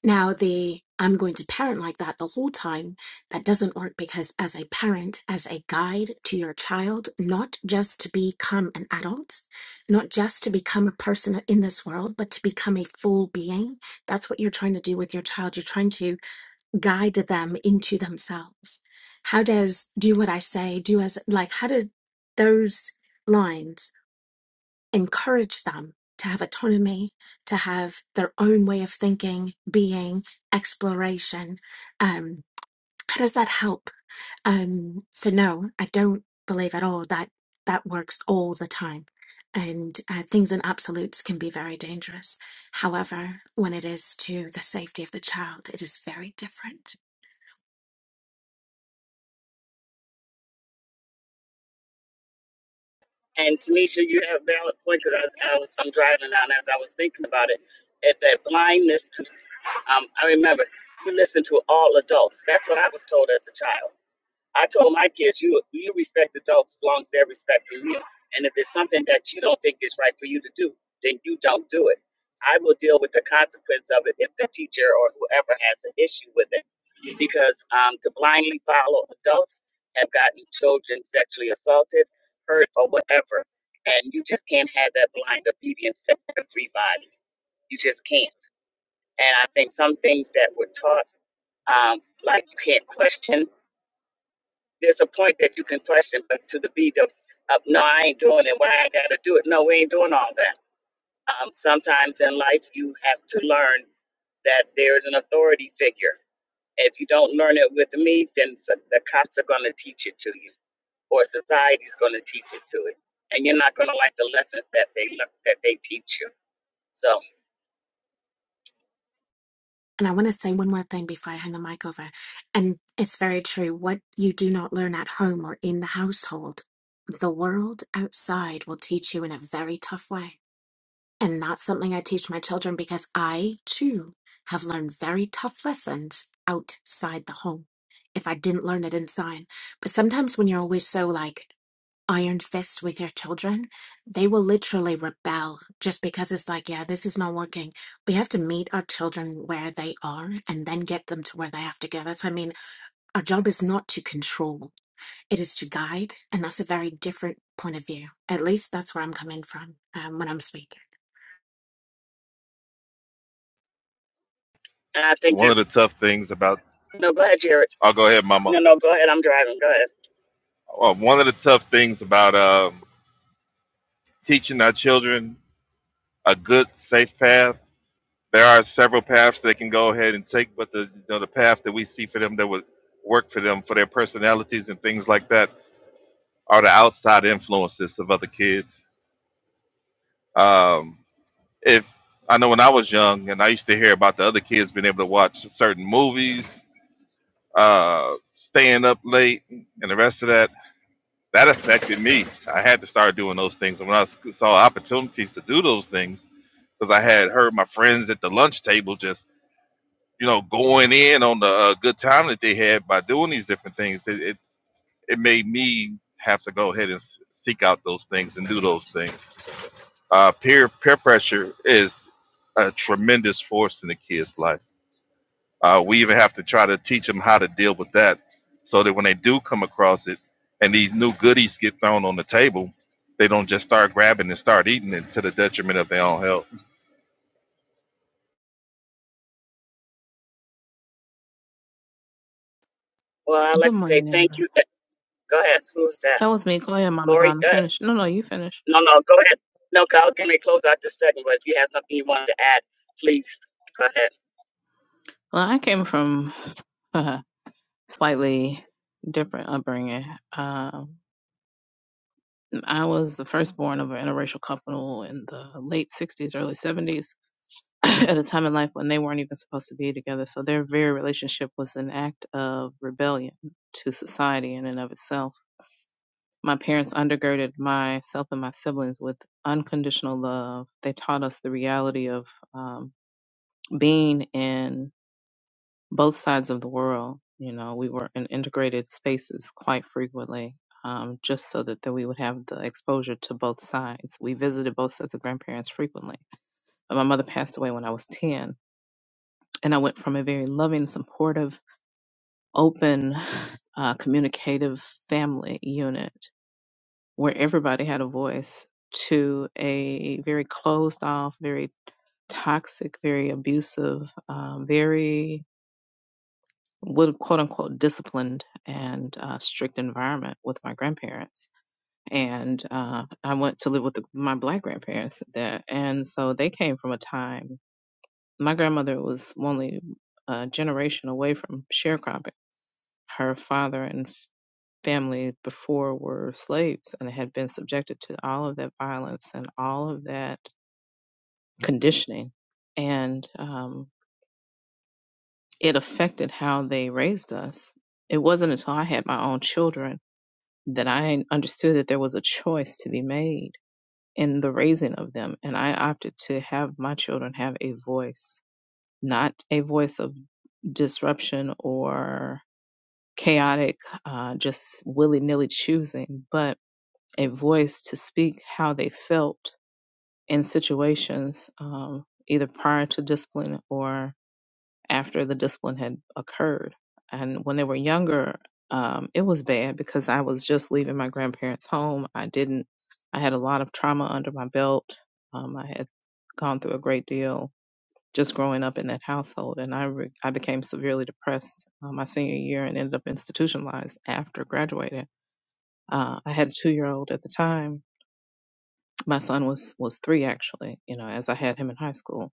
I: Now, the I'm going to parent like that the whole time, that doesn't work because as a parent, as a guide to your child, not just to become an adult, not just to become a person in this world, but to become a full being, that's what you're trying to do with your child. You're trying to guide them into themselves. How does do what I say, do as like, how did those lines? encourage them to have autonomy, to have their own way of thinking, being, exploration. Um, how does that help? Um, so no, I don't believe at all that that works all the time. And uh, things in absolutes can be very dangerous. However, when it is to the safety of the child, it is very different. And I want to say one more thing before I hand the mic over. And it's very true. What you do not learn at home or in the household, the world outside will teach you in a very tough way. And that's something I teach my children because I too have learned very tough lessons outside the home if I didn't learn it inside. But sometimes when you're always so like iron fist with your children, they will literally rebel just because it's like, yeah, this is not working. We have to meet our children where they are and then get them to where they have to go. That's, I mean, our job is not to control, it is to guide. And that's a very different point of view. At least that's where I'm coming from um, when I'm speaking.
B: One of the tough things about, I'll go ahead, Mama. Uh, One of the tough things about um, teaching our children a good, safe path. There are several paths they can go ahead and take, but the you know, the path that we see for them that would work for them for their personalities and things like that are the outside influences of other kids. Um, if I know when I was young and I used to hear about the other kids being able to watch certain movies, uh, staying up late, and the rest of that, that affected me. I had to start doing those things. And when I s- saw opportunities to do those things, because I had heard my friends at the lunch table just, you know, going in on the uh, good time that they had by doing these different things, it, it, it made me have to go ahead and s- seek out those things and do those things. Uh, peer peer pressure is a tremendous force in a kid's life Uh, we even have to try to teach them how to deal with that so that when they do come across it and these new goodies get thrown on the table, they don't just start grabbing and start eating it to the detriment of their own health.
J: Good morning, everybody. That was me. Go ahead, Mama Donna. Finish. No, no, you finish. Well, I came from uh, slightly different upbringing. Um, I was the firstborn of an interracial couple in the late 60s, early 70s, [CLEARS THROAT] at a time in life when they weren't even supposed to be together. So their very relationship was an act of rebellion to society in and of itself. My parents undergirded myself and my siblings with unconditional love. They taught us the reality of um, being in both sides of the world, you know, we were in integrated spaces quite frequently, um, just so that, that we would have the exposure to both sides. We visited both sets of grandparents frequently. Uh, My mother passed away when I was 10, and I went from a very loving, supportive, open, uh, communicative family unit where everybody had a voice to a very closed off, very toxic, very abusive, um, very would quote unquote disciplined and uh, strict environment with my grandparents. And uh, I went to live with the, my black grandparents there. And so they came from a time, my grandmother was only a generation away from sharecropping. Her father and f- family before were slaves and had been subjected to all of that violence and all of that conditioning. And um, it affected how they raised us. It wasn't until I had my own children that I understood that there was a choice to be made in the raising of them. And I opted to have my children have a voice, not a voice of disruption or chaotic, uh, just willy nilly choosing, but a voice to speak how they felt in situations, um, either prior to discipline or after the discipline had occurred. And when they were younger, um, it was bad because I was just leaving my grandparents' home. I didn't, I had a lot of trauma under my belt. Um, I had gone through a great deal just growing up in that household, and I, re- I became severely depressed uh, my senior year and ended up institutionalized after graduating. Uh, I had a two year old at the time. My son was was three actually, you know, as I had him in high school.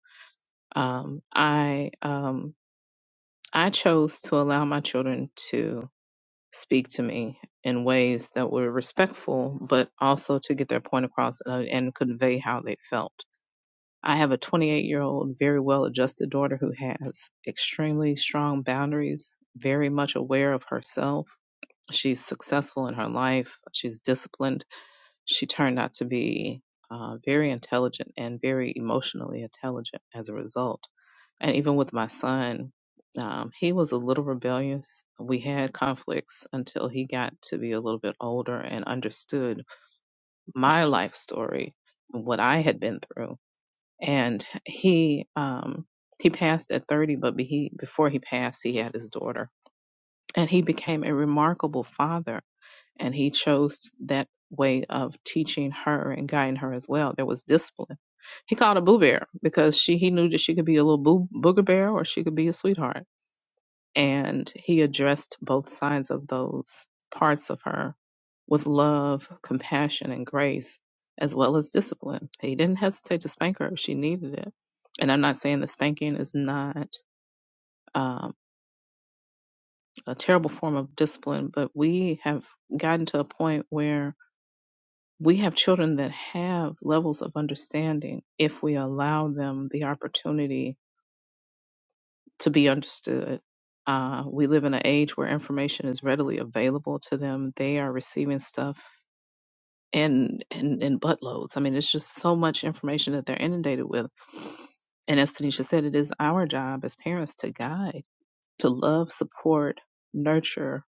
J: Um, I um, I chose to allow my children to speak to me in ways that were respectful, but also to get their point across uh, and convey how they felt. I have a 28 year old, very well adjusted daughter who has extremely strong boundaries, very much aware of herself. She's successful in her life, she's disciplined. She turned out to be uh, very intelligent and very emotionally intelligent as a result and even with my son, um, he was a little rebellious. We had conflicts until he got to be a little bit older and understood my life story, what I had been through. And he um, he passed at 30, but be- he before he passed, he had his daughter, and he became a remarkable father. And he chose that way of teaching her and guiding her as well. There was discipline. He called her Boo Bear because she he knew that she could be a little boo, booger bear or she could be a sweetheart and he addressed both sides of those parts of her with love, compassion, and grace, as well as discipline. He didn't hesitate to spank her if she needed it. And I'm not saying that spanking is not um, a terrible form of discipline, but we have gotten to a point where we have children that have levels of understanding if we allow them the opportunity to be understood. Uh, we live in an age where information is readily available to them. They are receiving stuff in in, in buttloads. I mean, it's just so much information that they're inundated with. And as Tanisha said, it is our job as parents to guide, to love, support, nurture,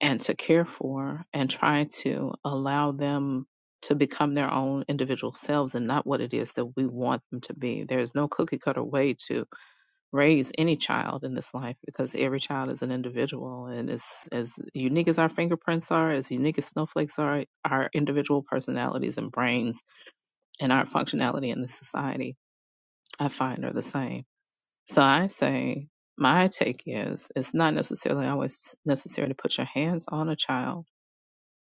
J: and to care for, and try to allow them to become their own individual selves and not what it is that we want them to be. There is no cookie cutter way to raise any child in this life because every child is an individual and is as unique as our fingerprints are, as unique as snowflakes are, our individual personalities and brains and our functionality in the society I find are the same. So I say my take is it's not necessarily always necessary to put your hands on a child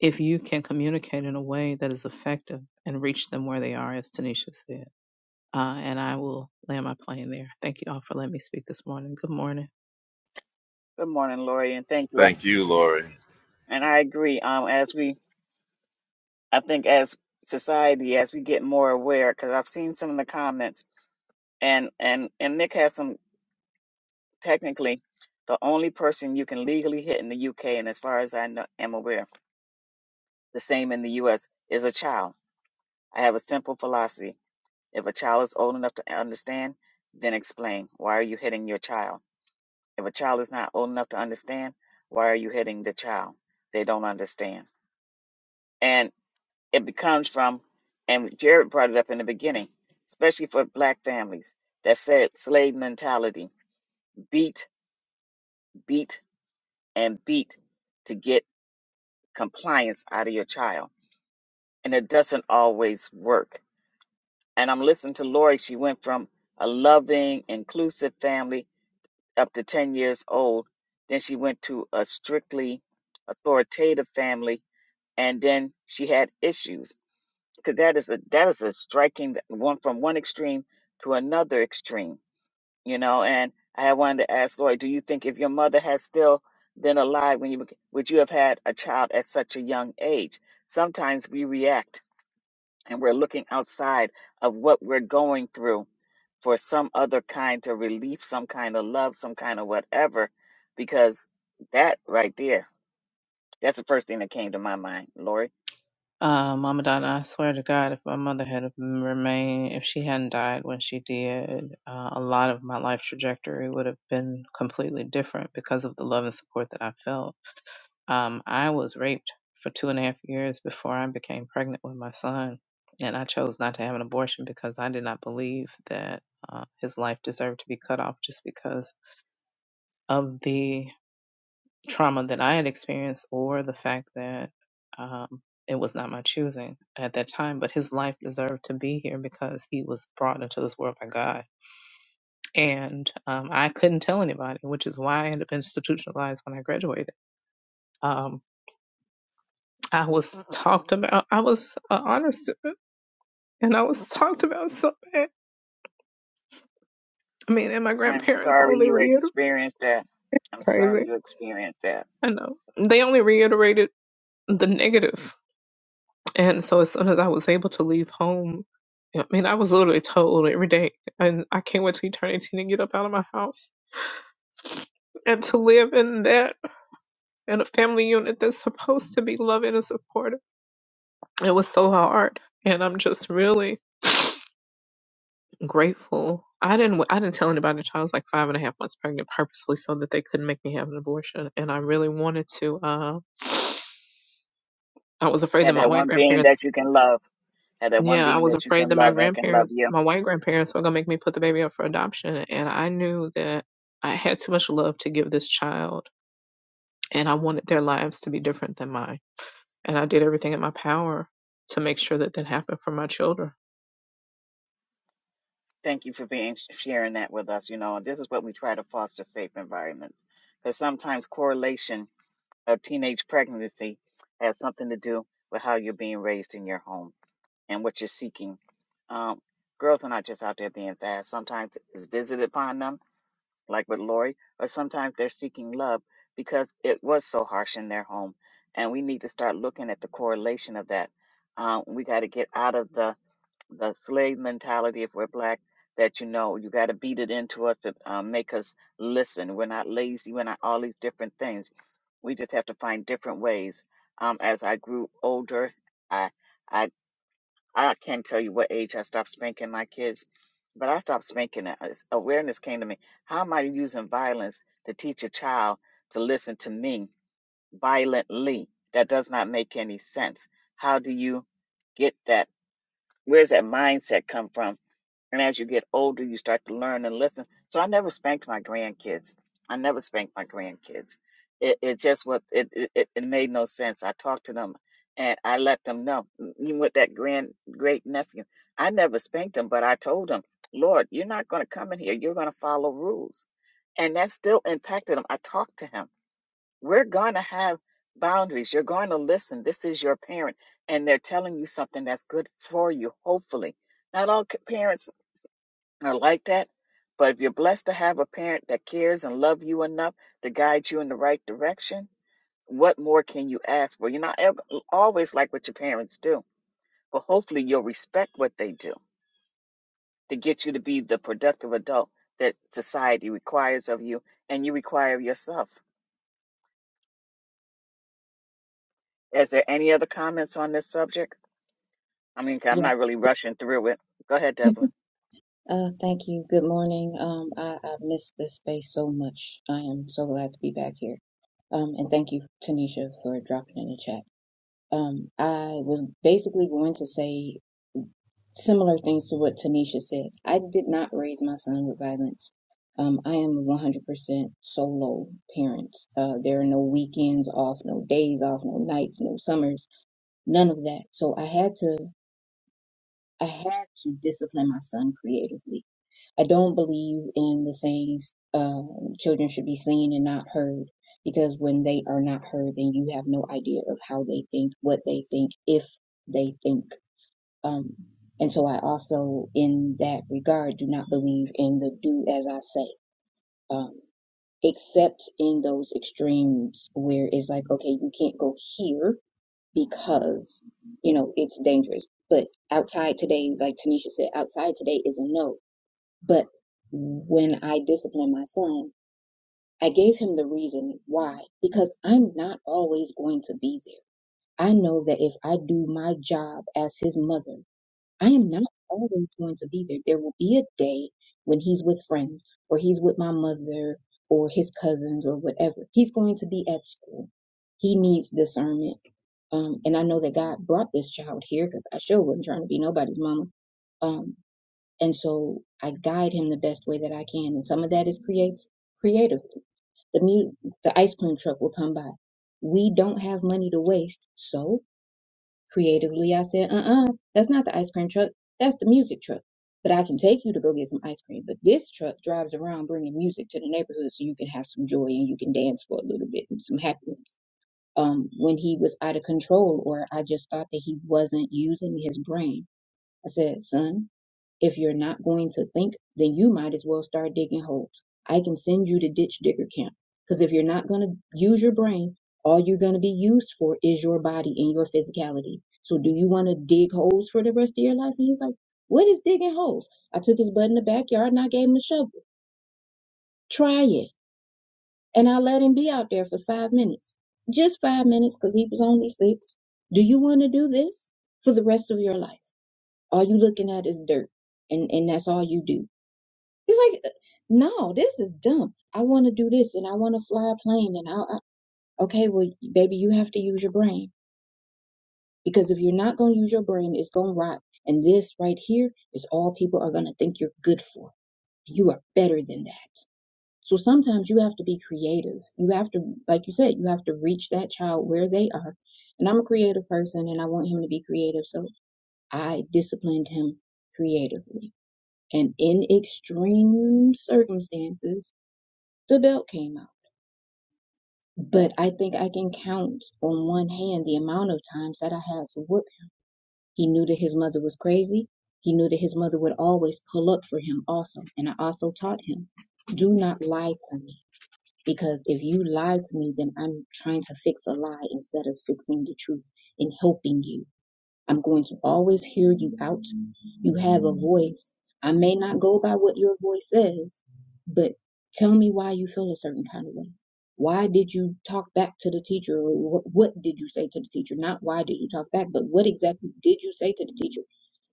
J: if you can communicate in a way that is effective and reach them where they are, as Tanisha said. Uh, and I will land my plane there. Thank you all for letting me speak this morning. Good morning.
B: Thank you, Lori.
A: Child, if a child is not old enough to understand, why are you hitting the child? They don't understand. And it becomes from, and Jared brought it up in the beginning, especially for black families, that said slave mentality beat, beat, and beat to get compliance out of your child. And it doesn't always work. And I'm listening to Lori. She went from a loving, inclusive family up to 10 years old. Then she went to a strictly authoritative family and then she had issues. Cause that is a that is a striking one from one extreme to another extreme, you know. And I wanted to ask Lori, do you think if your mother had still been alive when you beca- would you have had a child at such a young age? Sometimes we react and we're looking outside of what we're going through for some other kind of relief, some kind of love, some kind of whatever, because that right there, that's the first thing that came to my mind, Lori.
J: Uh, Mama Donna, I swear to God, if my mother had remained, if she hadn't died when she did, uh, a lot of my life trajectory would have been completely different because of the love and support that I felt. Um, I was raped for two and a half years before I became pregnant with my son, and I chose not to have an abortion because I did not believe that uh, his life deserved to be cut off just because of the trauma that I had experienced or the fact that um, it was not my choosing at that time, but his life deserved to be here because he was brought into this world by God. And um, I couldn't tell anybody, which is why I ended up institutionalized when I graduated. Um, I was talked about, I was an honor student, and I was talked about so bad. I mean, and my
A: I'm
J: grandparents
A: sorry
J: only
A: you
J: reiterated, [LAUGHS]
A: experienced that.
J: it's
A: I'm sorry
J: crazy.
A: you experienced that.
J: I know. They only reiterated the negative And so as soon as I was able to leave home, I mean, I was literally told every day, and I can't wait to eternity to get up out of my house and to live in that, in a family unit that's supposed to be loving and supportive. It was so hard. And I'm just really grateful. I didn't, I didn't tell anybody that I was like five and a half months pregnant purposefully so that they couldn't make me have an abortion. And I really wanted to, uh, I was afraid that my white grandparents Yeah, I was afraid that my grandparents, my white grandparents, were gonna make me put the baby up for adoption, and I knew that I had too much love to give this child, and I wanted their lives to be different than mine, and I did everything in my power to make sure that that happened for my children.
A: Thank you for being sharing that with us. You know, and this is what we try to foster safe environments because sometimes correlation of teenage pregnancy has something to do with how you're being raised in your home and what you're seeking. Um, girls are not just out there being fast. Sometimes it's visited upon them, like with Lori, or sometimes they're seeking love because it was so harsh in their home. And we need to start looking at the correlation of that. Um, we got to get out of the the slave mentality if we're black that you know you got to beat it into us to um, make us listen we're not lazy we're not all these different things we just have to find different ways um, as i grew older i i i can't tell you what age i stopped spanking my kids but i stopped spanking it As awareness came to me how am i using violence to teach a child to listen to me violently that does not make any sense how do you get that where's that mindset come from and as you get older, you start to learn and listen. So I never spanked my grandkids. I never spanked my grandkids. It, it just was, it, it, it it made no sense. I talked to let the Lord, you're not going to come in here. You're going to follow rules. that's We're not about your parent and something that's good for Guide you in the right direction. What more can you ask for? You're not ever, always like what your parents do, but hopefully you'll respect what they do to get you to be the productive adult that society requires of you and you require of yourself. Is there any other comments on this subject? I mean, I'm not
H: Yes.
A: really rushing through it. Go ahead,
H: [LAUGHS]
A: Devlin.
H: Uh, thank you. Good morning. Um, I, I missed this space so much. I am so glad to be back here. Um, and thank you, Tanisha, for dropping in the chat. Um, I was basically going to say similar things to what Tanisha said. I did not raise my son with violence. Um, I am a 100% solo parent. Uh, there are no weekends off, no days off, no nights, no summers, none of that. So I had to I had to discipline my son creatively. I don't believe in the sayings, uh, children should be seen and not heard, because when they are not heard, then you have no idea of how they think, what they think, if they think. Um, and so I also, in that regard, do not believe in the do as I say. Um, except in those extremes where it's like, okay, you can't go here because you know it's dangerous. But outside today, like Tanisha said, outside today is a no. But when I disciplined my son, I gave him the reason why because I'm not always going to be there. I know that if I do my job as his mother I am not always going to be there. There will be a day when he's with friends or he's with my mother or his cousins or whatever. He's going to be at school. He needs discernment. Um, and I know that God brought this child here because I sure wasn't trying to be nobody's mama. Um, and so I guide him the best way that I can. And some of that is creates creatively. The mu- the ice cream truck will come by. We don't have money to waste, so Creatively, I said, uh uh that's not the ice cream truck. That's the music truck. But I can take you to go get some ice cream. But this truck drives around bringing music to the neighborhood so you can have some joy and you can dance for a little bit and some happiness. Um, when he was out of control or I just thought that he wasn't using his brain, I said, son, if you're not going to think, then you might as well start digging holes. I can send you to ditch digger camp. Because if you're not going to use your brain, all you're going to be used for is your body and your physicality. So do you want to dig holes for the rest of your life? And he's like, what is digging holes? I took his butt in the backyard and I gave him a shovel. Try it. And I let him be out there for five minutes. Just five minutes because he was only six. Do you want to do this for the rest of your life? All you looking at is dirt and, and that's all you do it's like, no, this is dumb. I want to do this and I want to fly a plane and I, I okay, well, baby, you have to use your brain because if you're not going to use your brain, it's going to rot. And this right here is all people are going to think you're good for. You are better than that. So sometimes you have to be creative. You have to, like you said, you have to reach that child where they are. And I'm a creative person and I want him to be creative. So I disciplined him creatively. And in extreme circumstances, the belt came out. But I think I can count on one hand the amount of times that I had to whoop. He knew that his mother was crazy. He knew that his mother would always pull up for him also. And I also taught him, do not lie to me. Because if you lie to me, then I'm trying to fix a lie instead of fixing the truth and helping you. I'm going to always hear you out. You have a voice. I may not go by what your voice says, but tell me why you feel a certain kind of way. Why did you talk back to the teacher? Or what, what did you say to the teacher? Not why did you talk back, but what exactly did you say to the teacher?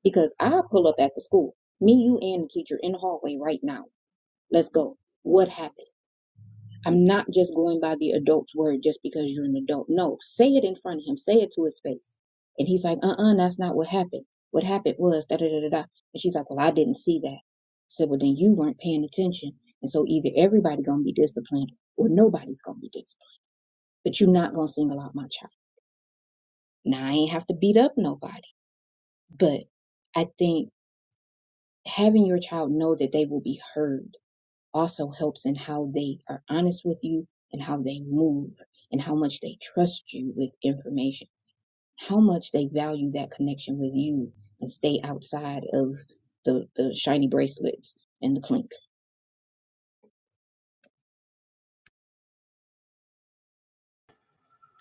H: Because I pull up at the school, me, you, and the teacher in the hallway right now. Let's go. What happened? I'm not just going by the adult's word just because you're an adult. No, say it in front of him, say it to his face. And he's like, uh uh that's not what happened. What happened was da da da da da. And she's like, well, I didn't see that. I said, well, then you weren't paying attention. And so either everybody gonna be disciplined or nobody's gonna be disciplined. But you're not gonna single out my child. Now I ain't have to beat up nobody, but I think having your child know that they will be heard also helps in how they are honest with you and how they move and how much they trust you with information, how much they value that connection with you and stay outside of the, the shiny bracelets and the clink.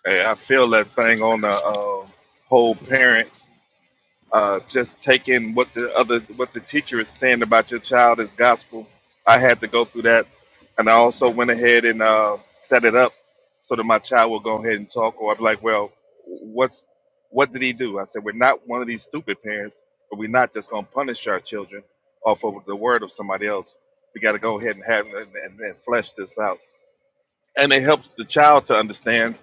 B: Hey, I feel that thing on the uh, whole parent uh, just taking what the other what the teacher is saying about your child as gospel. I had to go through that, and I also went ahead and uh, set it up so that my child will go ahead and talk. Or I'd be like, "Well, what's what did he do?" I said, "We're not one of these stupid parents, but we're not just going to punish our children off of the word of somebody else. We got to go ahead and have and, and, and flesh this out." And it helps the child to understand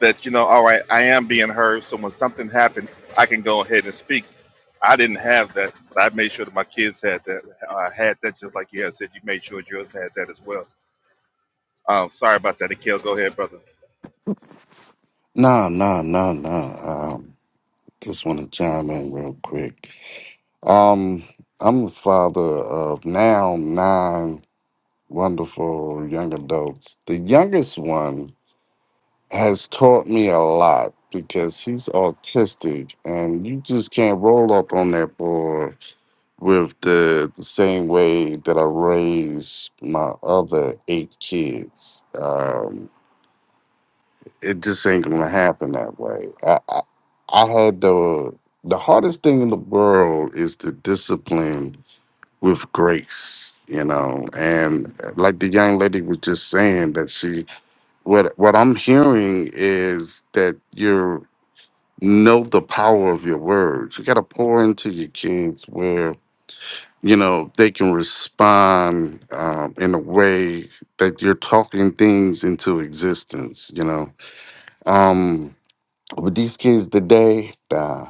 B: that you know, all right, I am being heard. So when something happened, I can go ahead and speak. I didn't have that, but I made sure that my kids had that. Uh, had that just like you had said. You made sure yours had that as well. Um, sorry about that, Akil. Go ahead, brother.
G: Nah, nah, nah, nah. Um, just want to chime in real quick. Um, I'm the father of now nine wonderful young adults. The youngest one has taught me a lot because he's autistic, and you just can't roll up on that boy with the, the same way that I raised my other eight kids. Um, it just ain't gonna happen that way. I, I I had the the hardest thing in the world is the discipline with grace, you know. And like the young lady was just saying that she what what I'm hearing is that you know the power of your words. You gotta pour into your kids where you know they can respond um, in a way that you're talking things into existence. You know, um, with these kids today, uh,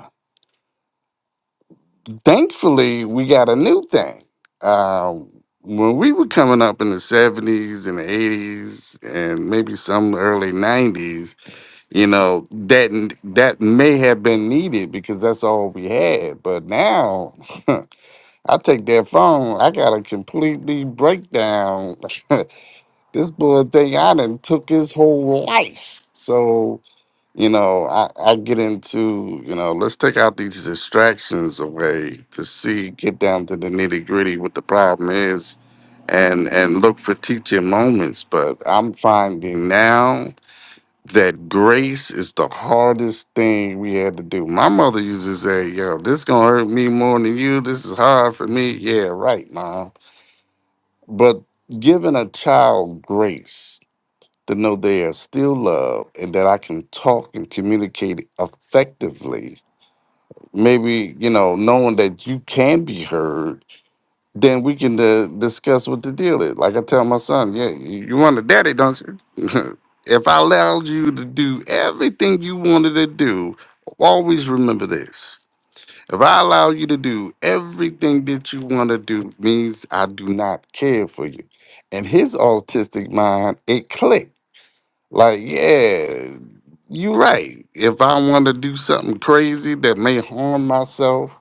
G: thankfully, we got a new thing. Um, when we were coming up in the 70s and the 80s and maybe some early 90s, you know, that that may have been needed because that's all we had. But now [LAUGHS] I take that phone, I got a completely breakdown. [LAUGHS] this boy thing I done took his whole life. So you know, I, I get into, you know, let's take out these distractions away to see, get down to the nitty gritty what the problem is and and look for teaching moments. But I'm finding now that grace is the hardest thing we had to do. My mother used to say, yo, this gonna hurt me more than you. This is hard for me. Yeah, right, mom. But giving a child grace to know they are still loved and that I can talk and communicate effectively. Maybe, you know, knowing that you can be heard, then we can uh, discuss what the deal is. Like I tell my son, yeah, you you want a daddy, don't you? [LAUGHS] if I allowed you to do everything you wanted to do, always remember this. If I allow you to do everything that you want to do, means I do not care for you. In his autistic mind, it clicked like, yeah, you right. If I want to do something crazy that may harm myself,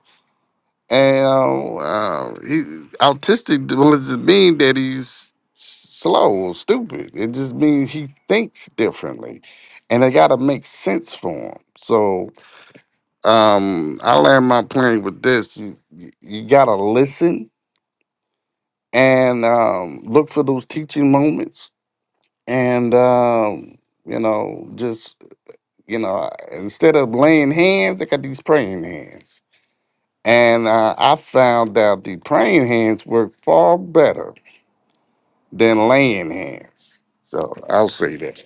G: and uh, uh, he, autistic doesn't mean that he's slow or stupid. It just means he thinks differently, and it got to make sense for him. So um, I learned my plane with this. You, you you gotta listen and um, look for those teaching moments, and um, you know just You know, instead of laying hands, I got these praying hands. And uh, I found out the praying hands work far better than laying hands. So I'll say that.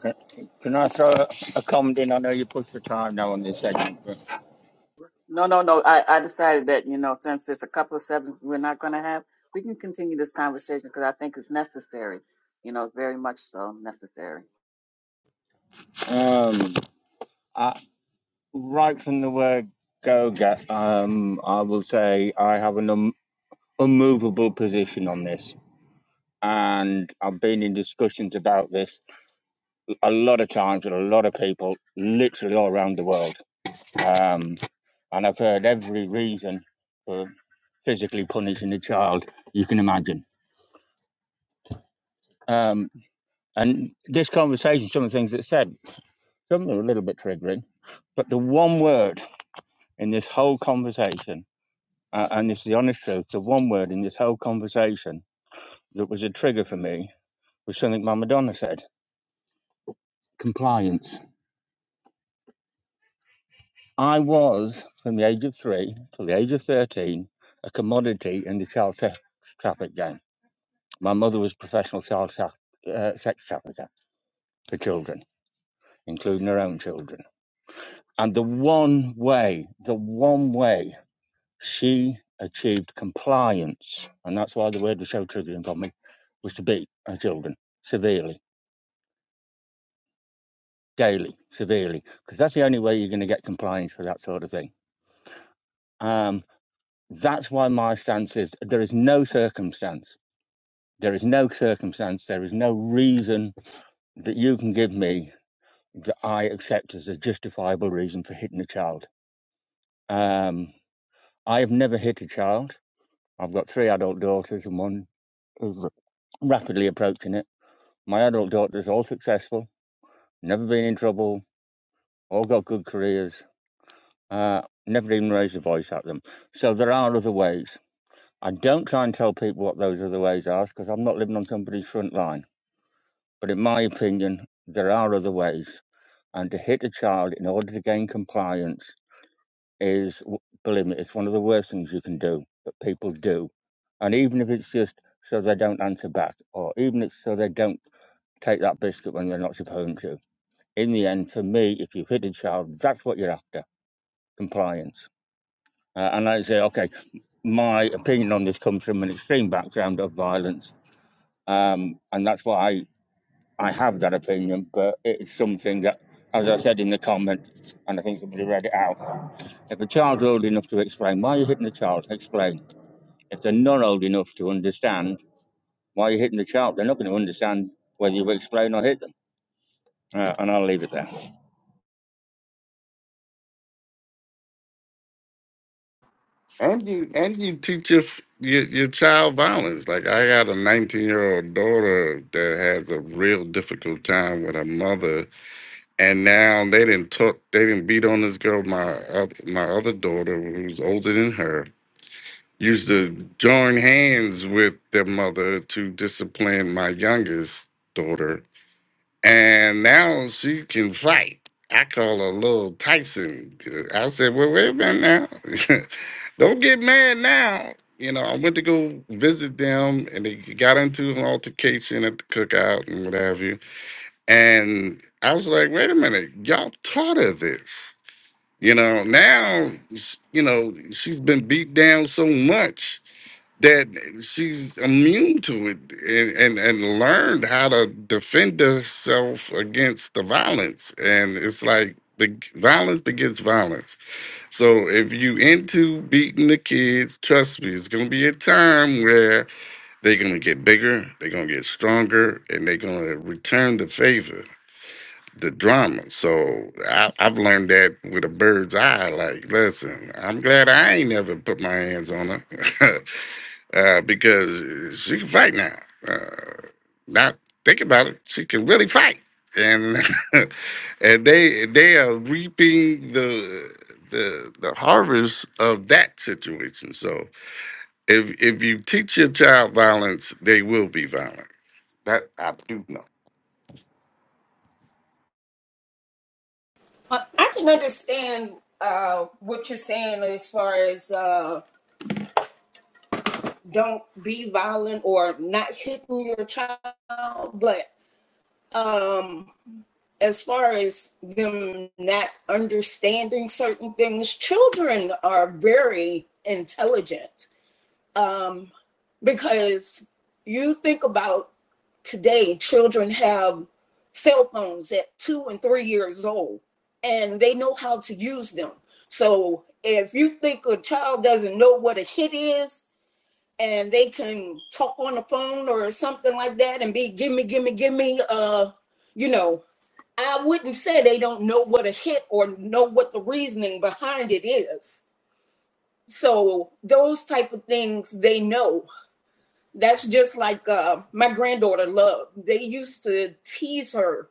K: Can, can I throw a a comment in? I know you pushed the time now on this segment, but um, I, right from the word go get, um, I will say I have an um, unmovable position on this. And I've been in discussions about this a lot of times with a lot of people, literally all around the world. Um, and I've heard every reason for physically punishing a child you can imagine. Um, and this conversation, some of the things that said. Some of them are a little bit triggering, but the one word in this whole conversation, uh, and this is the honest truth, the one word in this whole conversation that was a trigger for me was something my Madonna said compliance. I was, from the age of three till the age of 13, a commodity in the child sex traffic game. My mother was a professional child tra- uh, sex trafficker for children, including her own children. And the one way, the one way She achieved compliance, and that's why the word was so triggering for me, was to beat her children severely, daily, severely, because that's the only way you're going to get compliance for that sort of thing. Um, that's why my stance is there is no circumstance, there is no circumstance, there is no reason that you can give me that I accept as a justifiable reason for hitting a child. Um, I have never hit a child. I've got three adult daughters and one who's rapidly approaching it. My adult daughters, all successful, never been in trouble, all got good careers, uh, never even raised a voice at them. So there are other ways. I don't try and tell people what those other ways are because I'm not living on somebody's front line. But in my opinion, there are other ways. And to hit a child in order to gain compliance is, w- believe me, it's one of the worst things you can do that people do. And even if it's just so they don't answer back, or even it's so they don't take that biscuit when they're not supposed to in the end, for me, if you hit a child, that's what you're after compliance. Uh, and I say, okay, my opinion on this comes from an extreme background of violence. Um, and that's why I, I have that opinion. But it's something that, as I said in the comment, and I think somebody read it out if a child's old enough to explain, why are you hitting the child? Explain. If they're not old enough to understand why you're hitting the child, they're not going to understand whether you explain or hit them. Uh, and I'll leave it there.
G: And you and you teach your f- your, your child violence. Like I got a 19 year old daughter that has a real difficult time with her mother, and now they didn't took they didn't beat on this girl. My oth- my other daughter, who's older than her, used to join hands with their mother to discipline my youngest daughter. And now she can fight. I call her little Tyson. I said, Well, wait a minute now. [LAUGHS] Don't get mad now. You know, I went to go visit them and they got into an altercation at the cookout and what have you. And I was like, wait a minute, y'all taught her this. You know, now, s- you know, she's been beat down so much that she's immune to it and, and, and learned how to defend herself against the violence. And it's like the violence begets violence. So if you into beating the kids, trust me, it's gonna be a time where they're gonna get bigger, they're gonna get stronger, and they're gonna return the favor. The drama. So I, I've learned that with a bird's eye. Like, listen, I'm glad I ain't never put my hands on her. [LAUGHS] uh, because she can fight now. Uh, now think about it, she can really fight, and [LAUGHS] and they they are reaping the the the harvest of that situation. So if if you teach your child violence, they will be violent. That I do know.
F: I I can understand uh, what you're saying as far as uh, don't be violent or not hitting your child, but um, as far as them not understanding certain things, children are very intelligent. um, because you think about today, children have cell phones at two and three years old, and they know how to use them. So if you think a child doesn't know what a hit is, and they can talk on the phone or something like that, and be gimme, gimme, gimme, uh, you know, I wouldn't say they don't know what a hit or know what the reasoning behind it is. So those type of things they know that's just like uh, my granddaughter Love. They used to tease her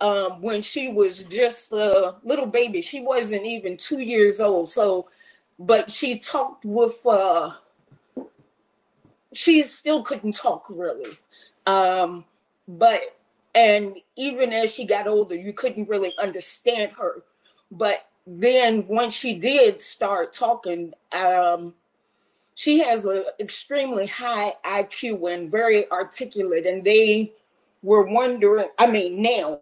F: um, when she was just a little baby. She wasn't even two years old. So, but she talked with. Uh, she still couldn't talk really, um, but and even as she got older, you couldn't really understand her. But then once she did start talking, um, she has an extremely high IQ and very articulate, and they were wondering. I mean, now,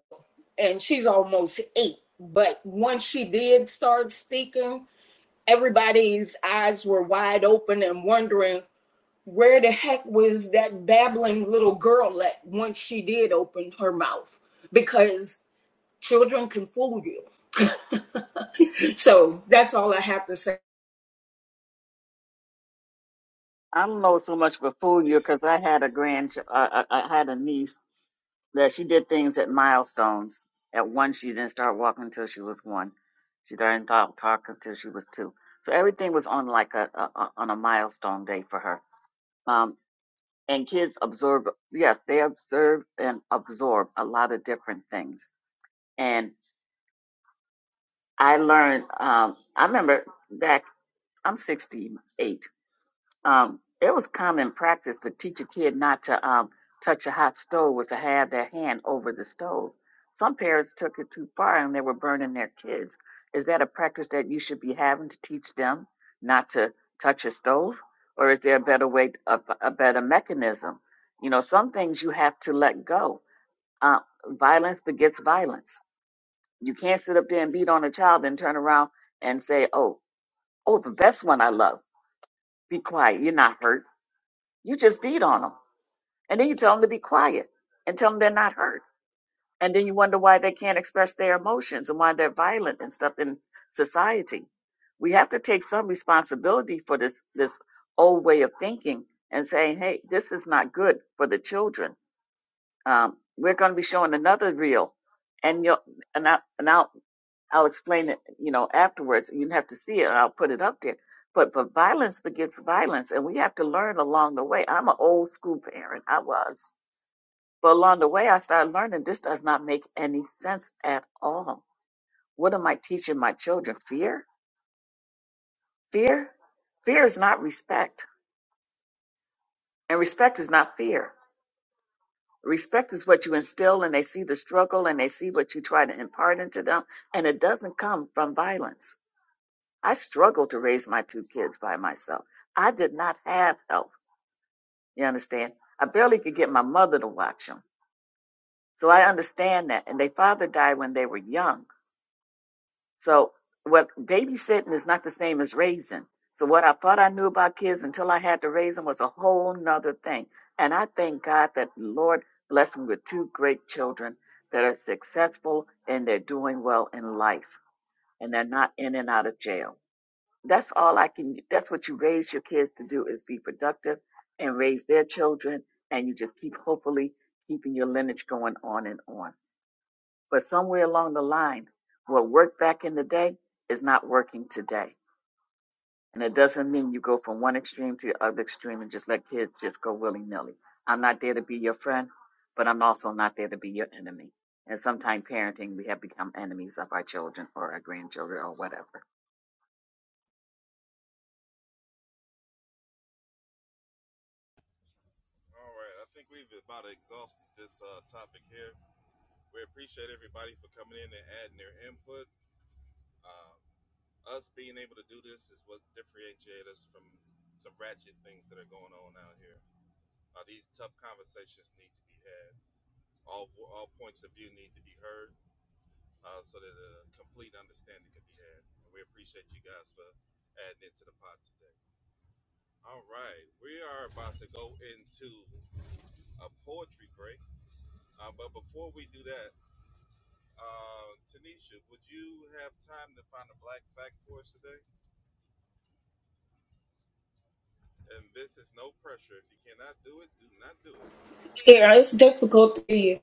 F: and she's almost eight, but once she did start speaking, everybody's eyes were wide open and wondering where the heck was that babbling little girl at once she did open her mouth because children can fool you. So that's all I have to say.
A: That's all I can. That's what you raise your kids to do is be productive and raise their children, and you just keep hopefully keeping your lineage going on and on. But somewhere along the line, what worked back in the day is not working today. And it does the extreme and just let kids just go willy nilly. I'm not there to be your friend, but I'm also not an enemy. And sometimes parents or our grandchildren or whatever.
F: Yeah, it's difficult to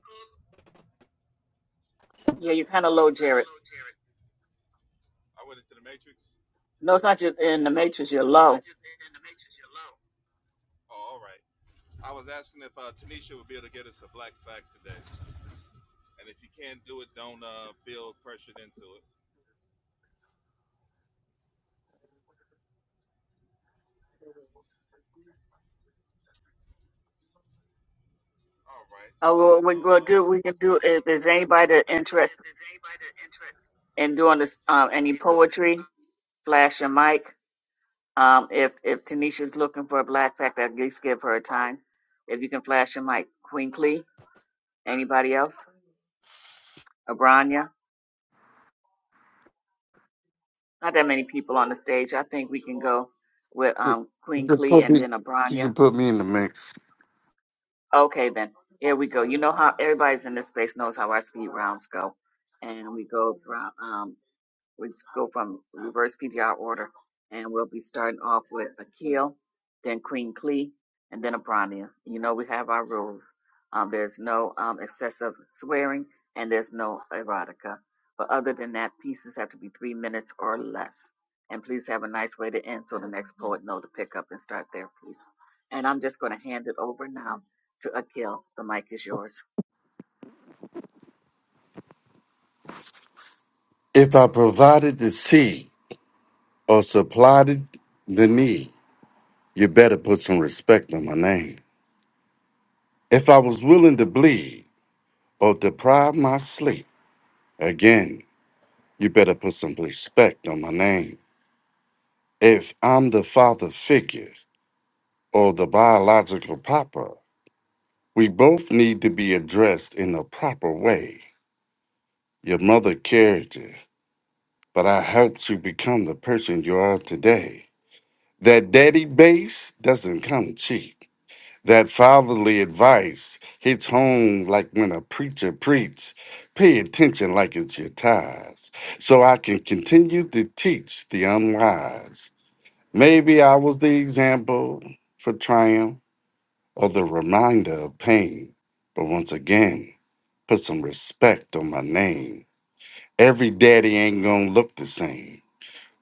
G: You can put me, you can put me in the mix. If I provided the seed or supplied the need, you better put some respect on my name. If I was willing to bleed. or deprive my sleep. Again, you better put some respect on my name. If I'm the father figure or the biological papa, we both need to be addressed in a proper way. Your mother carried you, but I helped you become the person you are today. That daddy base doesn't come cheap. That fatherly advice hits home like when a preacher preaches, pay attention like it's your ties, so I can continue to teach the unwise. Maybe I was the example for triumph or the reminder of pain, but once again, put some respect on my name. Every daddy ain't gonna look the same.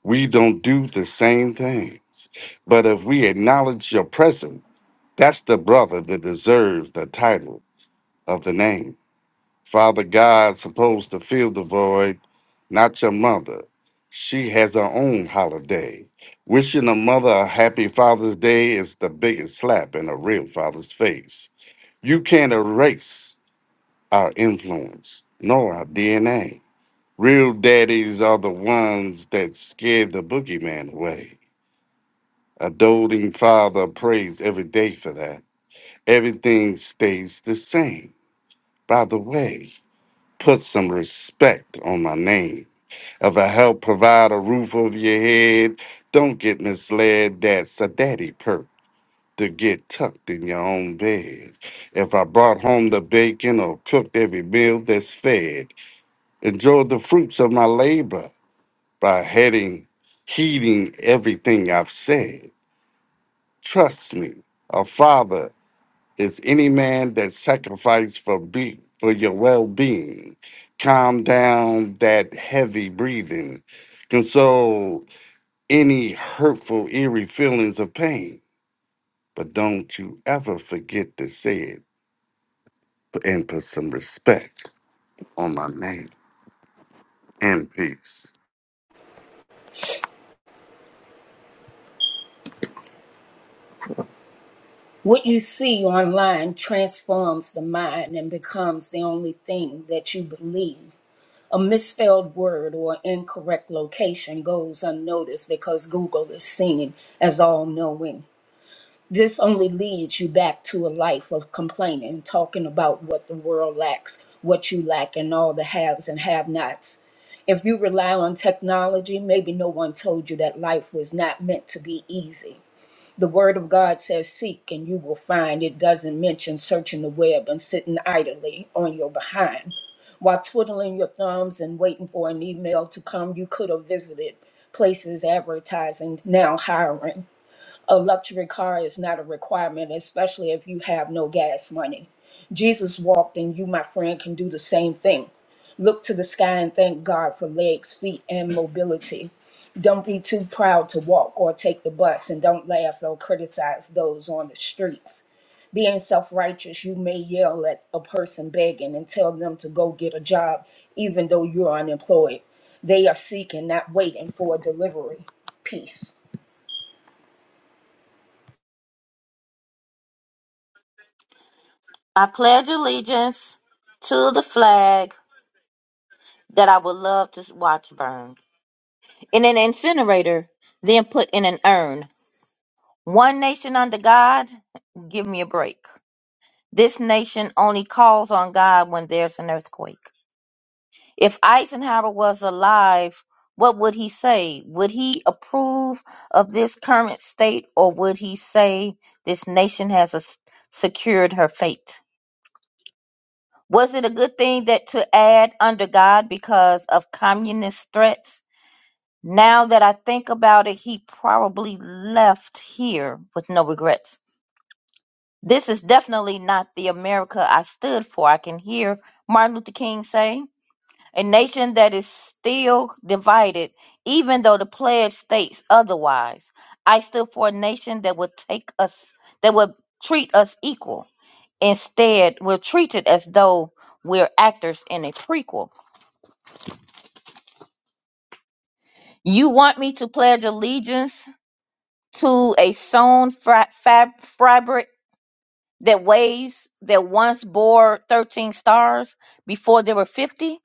G: We don't do the same things, but if we acknowledge your presence, that's the brother that deserves the title of the name. Father God supposed to fill the void, not your mother. She has her own holiday. Wishing a mother a happy Father's Day is the biggest slap in a real father's face. You can't erase our influence, nor our DNA. Real daddies are the ones that scared the boogeyman away. A doting father prays every day for that. Everything stays the same. By the way, put some respect on my name. If I help provide a roof over your head, don't get misled. That's a daddy perk to get tucked in your own bed. If I brought home the bacon or cooked every meal that's fed, enjoy the fruits of my labor by heading, heeding everything I've said. Trust me, a father is any man that sacrifice for be for your well-being calm down that heavy breathing console any hurtful eerie feelings of pain but don't you ever forget to say it and put some respect on my name and peace
F: What you see online transforms the mind and becomes the only thing that you believe. A misspelled word or incorrect location goes unnoticed because Google is seen as all knowing. This only leads you back to a life of complaining, talking about what the world lacks, what you lack, and all the haves and have nots. If you rely on technology, maybe no one told you that life was not meant to be easy. The word of God says, Seek and you will find. It doesn't mention searching the web and sitting idly on your behind. While twiddling your thumbs and waiting for an email to come, you could have visited places advertising, now hiring. A luxury car is not a requirement, especially if you have no gas money. Jesus walked, and you, my friend, can do the same thing. Look to the sky and thank God for legs, feet, and mobility. Don't be too proud to walk or take the bus, and don't laugh or criticize those on the streets. Being self righteous, you may yell at a person begging and tell them to go get a job, even though you're unemployed. They are seeking, not waiting for a delivery. Peace.
E: i pledge allegiance to the flag that i would love to watch burn in an incinerator then put in an urn One nation under God? Give me a break. This nation only calls on God when there's an earthquake. If Eisenhower was alive, what would he say? Would he approve of this current state or would he say this nation has a, secured her fate? Was it a good thing that to add under God because of communist threats? Now that I think about it, he probably left here with no regrets This is definitely not the America I stood for, I can hear Martin Luther King say. A nation that is still divided, even though the pledge states otherwise. I stood for a nation that would take us, that would treat us equal. Instead, we're treated as though we're actors in a prequel. You want me to pledge allegiance to a sewn fabric that waves that once bore 13 stars before there were 50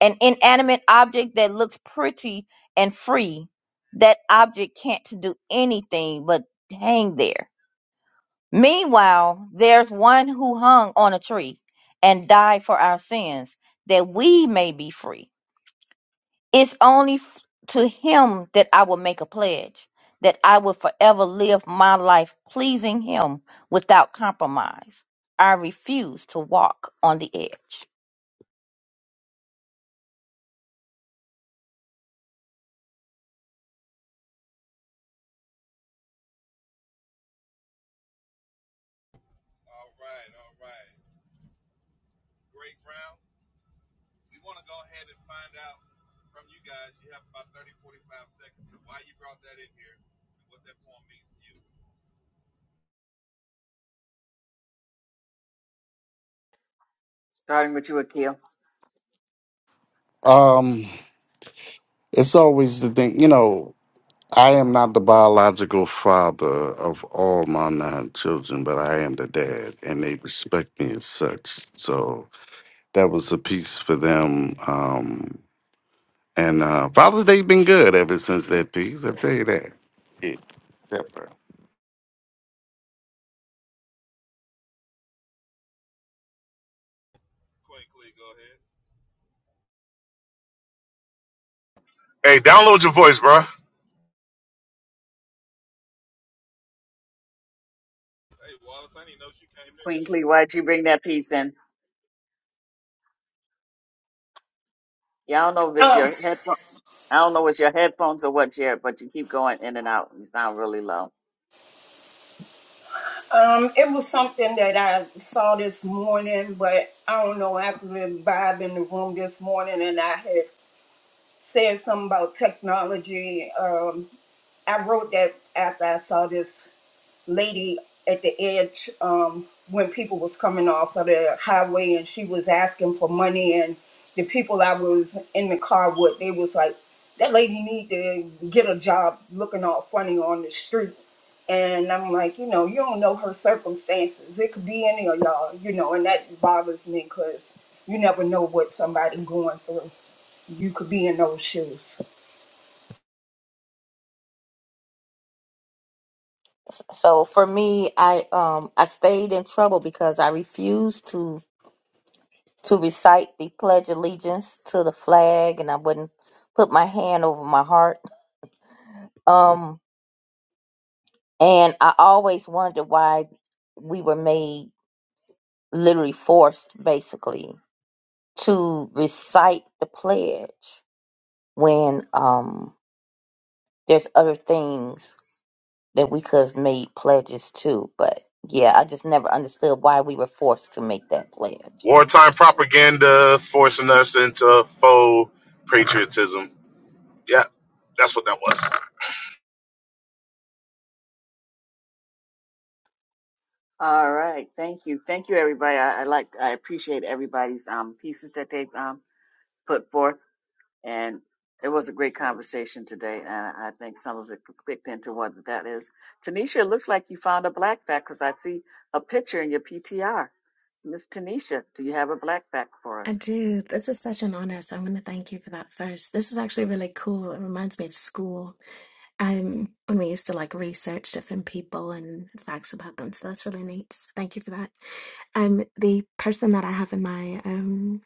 E: an inanimate object that looks pretty and free that object can't do anything but hang there meanwhile there's one who hung on a tree and died for our sins that we may be free It's only f- to him that I will make a pledge that I will forever live my life pleasing him without compromise. I refuse to walk on the edge.
G: um it's always the thing you know i am not the biological father of all my nine children but i am the dad and they respect me as such so that was a piece for them. Um, and uh, Father's Day been good ever since that piece. I tell you that. Yeah, that
L: Hey, download your voice, bruh.
F: Um, it was something that I saw this morning, but I don't know. I could really vibe in the room this morning, and I had said something about technology. Um, I wrote that after I saw this lady at the edge um, when people was coming off of the highway and she was asking for money and the people I was in the car with they was like that lady need to get a job looking all funny on the street and I'm like you know you don't know her circumstances it could be any of y'all you know and that bothers me because you never know what somebody going through you could be in those shoes
E: So for me, I um I stayed in trouble because I refused to to recite the pledge of allegiance to the flag and I wouldn't put my hand over my heart. Um and I always wondered why we were made literally forced basically to recite the pledge when um there's other things that we could have made pledges to. But yeah, I just never understood why we were forced to make that pledge.
L: Wartime propaganda forcing us into faux patriotism. Yeah, that's what that was.
I: I do. This is such an honor. So I'm going to thank you for that first. This is actually really cool. It reminds me of school Um, when we used to like research different people and facts about them, so that's really neat. So Thank you for that. Um, the person that I have in my um,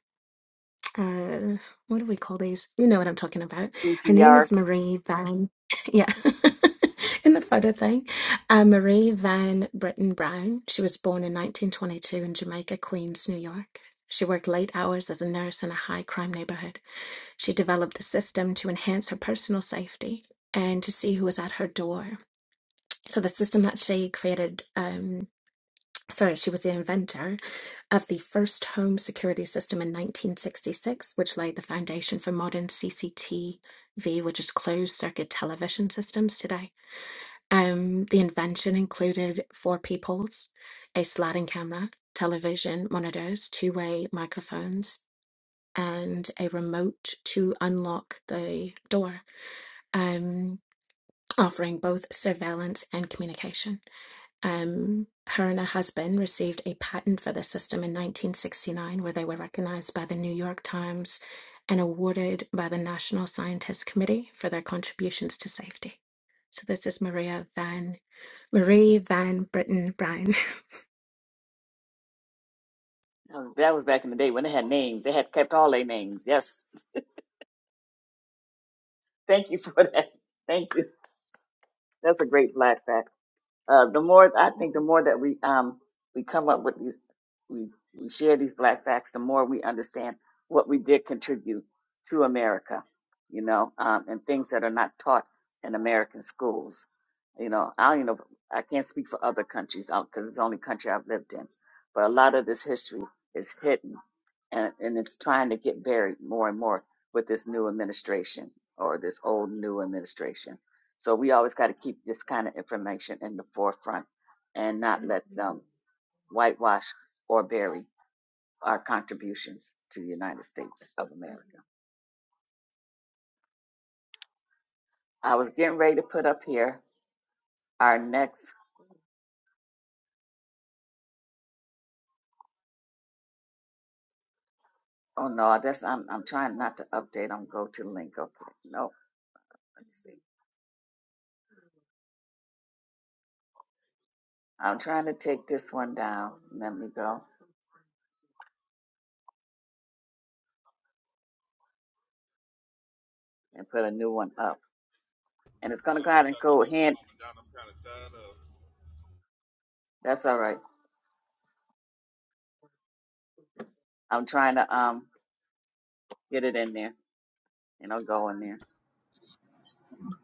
I: uh, what do we call these? You know what I'm talking about. Her name is Marie Van. [LAUGHS] Yeah, [LAUGHS] in the photo thing, uh, Marie Van Britton Brown. She was born in 1922 in Jamaica, Queens, New York. She worked late hours as a nurse in a high crime neighborhood. She developed the system to enhance her personal safety and to see who was at her door. So, the system that she created, um, sorry, she was the inventor of the first home security system in 1966, which laid the foundation for modern CCTV, which is closed circuit television systems today. Um, the invention included four peoples, a sliding camera, television monitors, two way microphones, and a remote to unlock the door um, offering both surveillance and communication. Um, her and her husband received a patent for the system in 1969, where they were recognized by the New York Times and awarded by the National Scientist Committee for their contributions to safety. So this is Maria Van Marie Van Britten Bryan.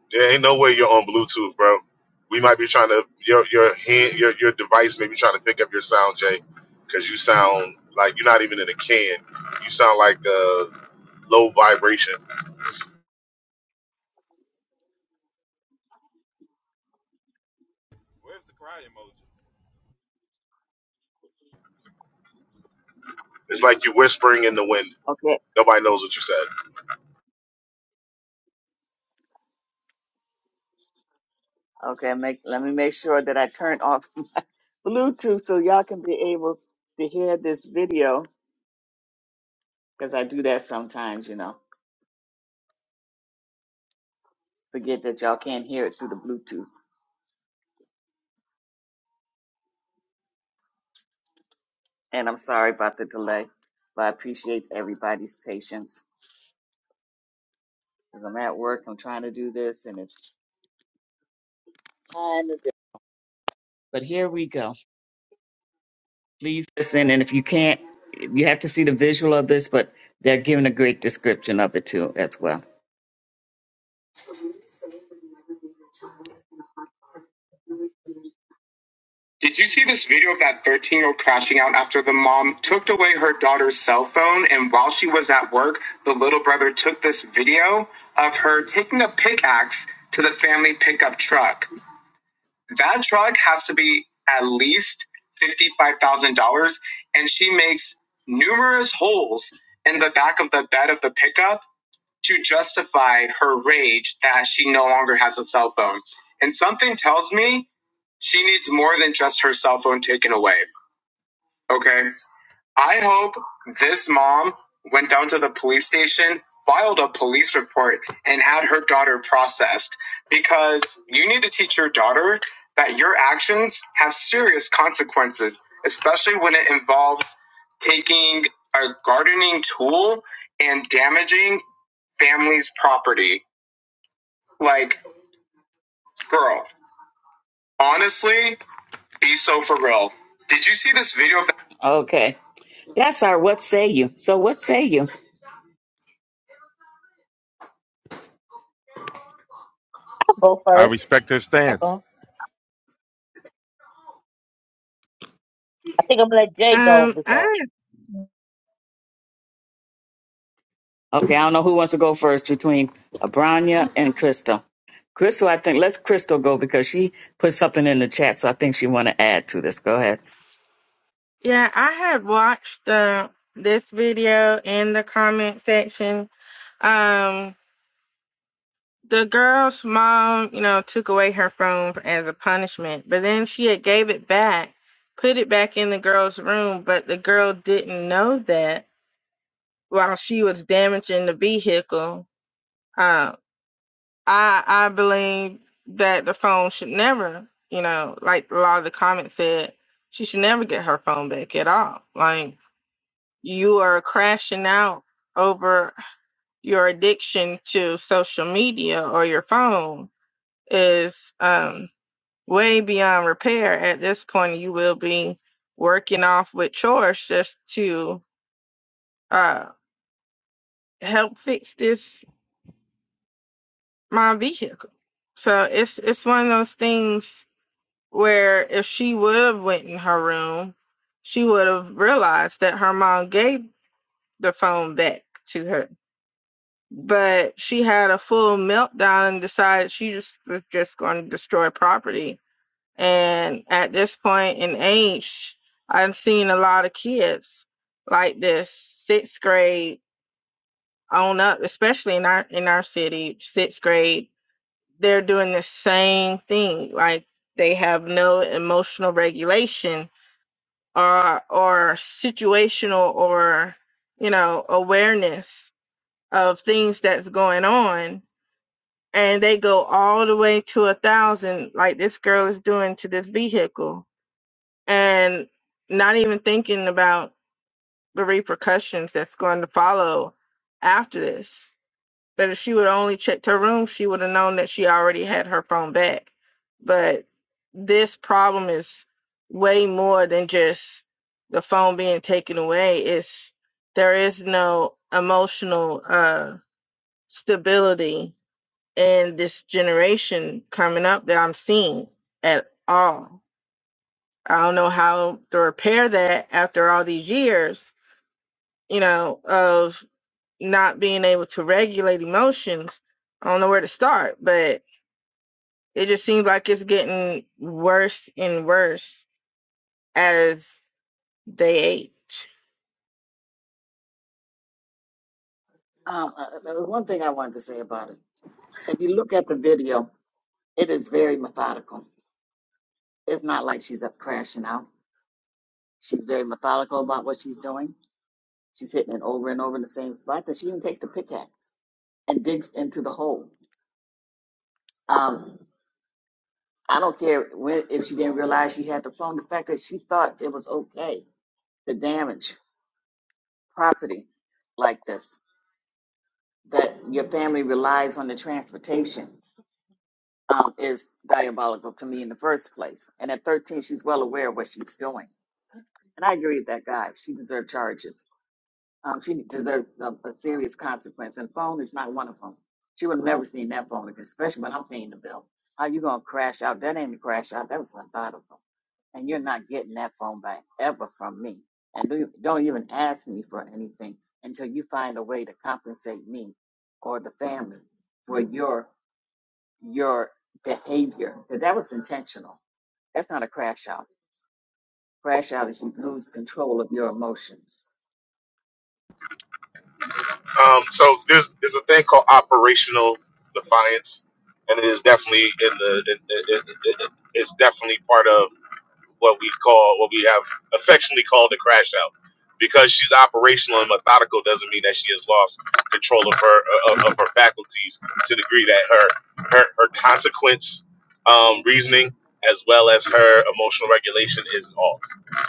L: There ain't no way you're on Bluetooth, bro. We might be trying to your your hand your your device may be trying to pick up your sound, Jay, because you sound like you're not even in a can. You sound like uh, low vibration. It's like you're whispering in the wind. Nobody knows what you said.
A: Did you see this video of that 13 year old crashing out after the mom took away her daughter's cell phone? And while she was at work, the little brother took this video of her taking a pickaxe to the family pickup truck. That truck has to be at least $55,000. And she makes numerous holes in the back of the bed of the pickup to justify her rage that she no longer has a cell phone. And something tells me she needs more than just her cell phone taken away. Okay. I hope this mom went down to the police station, filed a police report, and had her daughter processed because you need to teach your daughter that your actions have serious consequences, especially when it involves taking a gardening tool and damaging family's property. Like, girl, honestly, be so for real. Did you see this video of that? Okay. That's our what say you. So what say you?
E: I'll go
B: I
E: first.
B: respect her
E: Uh
B: stance.
E: oh. I think I'm gonna let Jay go
M: Um, I
E: because
A: Okay, I don't know who wants to go first between Abranya and Crystal. Crystal, I think let's Crystal go because she put something in the chat, so I think she want to add to this. Go ahead.
M: yeah, I had watched the this video in the comment section. Um, the girl's mom, you know, took away her phone as a punishment, but then she had gave it back, put it back in the girl's room, but the girl didn't know that while she was damaging the vehicle. Uh, I I believe that the phone should never, you know, like a lot of the comments said, she should never get her phone back at all. Like you are crashing out over your addiction to social media or your phone is um, way beyond repair. At this point, you will be working off with chores just to uh, help fix this my vehicle. So it's it's one of those things where if she would have went in her room, she would have realized that her mom gave the phone back to her but she had a full meltdown and decided she just was just going to destroy property. And at this point in age, I've seen a lot of kids like this sixth grade on up, especially in our in our city, sixth grade. They're doing the same thing. Like they have no emotional regulation or or situational or you know awareness of things that's going on and they go all the way to a thousand like this girl is doing to this vehicle and not even thinking about the repercussions that's going to follow after this but if she would only checked her room she would have known that she already had her phone back but this problem is way more than just the phone being taken away it's there is no emotional uh stability in this generation coming up that I'm seeing at all. I don't know how to repair that after all these years, you know, of not being able to regulate emotions. I don't know where to start, but it just seems like it's getting worse and worse as they age.
L: Um, so there's there's a thing called operational defiance, and it is definitely in the it, it, it, it- it's definitely part of what we call what we have affectionately called a crash out. Because she's operational and methodical doesn't mean that she has lost control of her uh, of, of her faculties to the degree that her her, her consequence um, reasoning as well as her emotional regulation is off.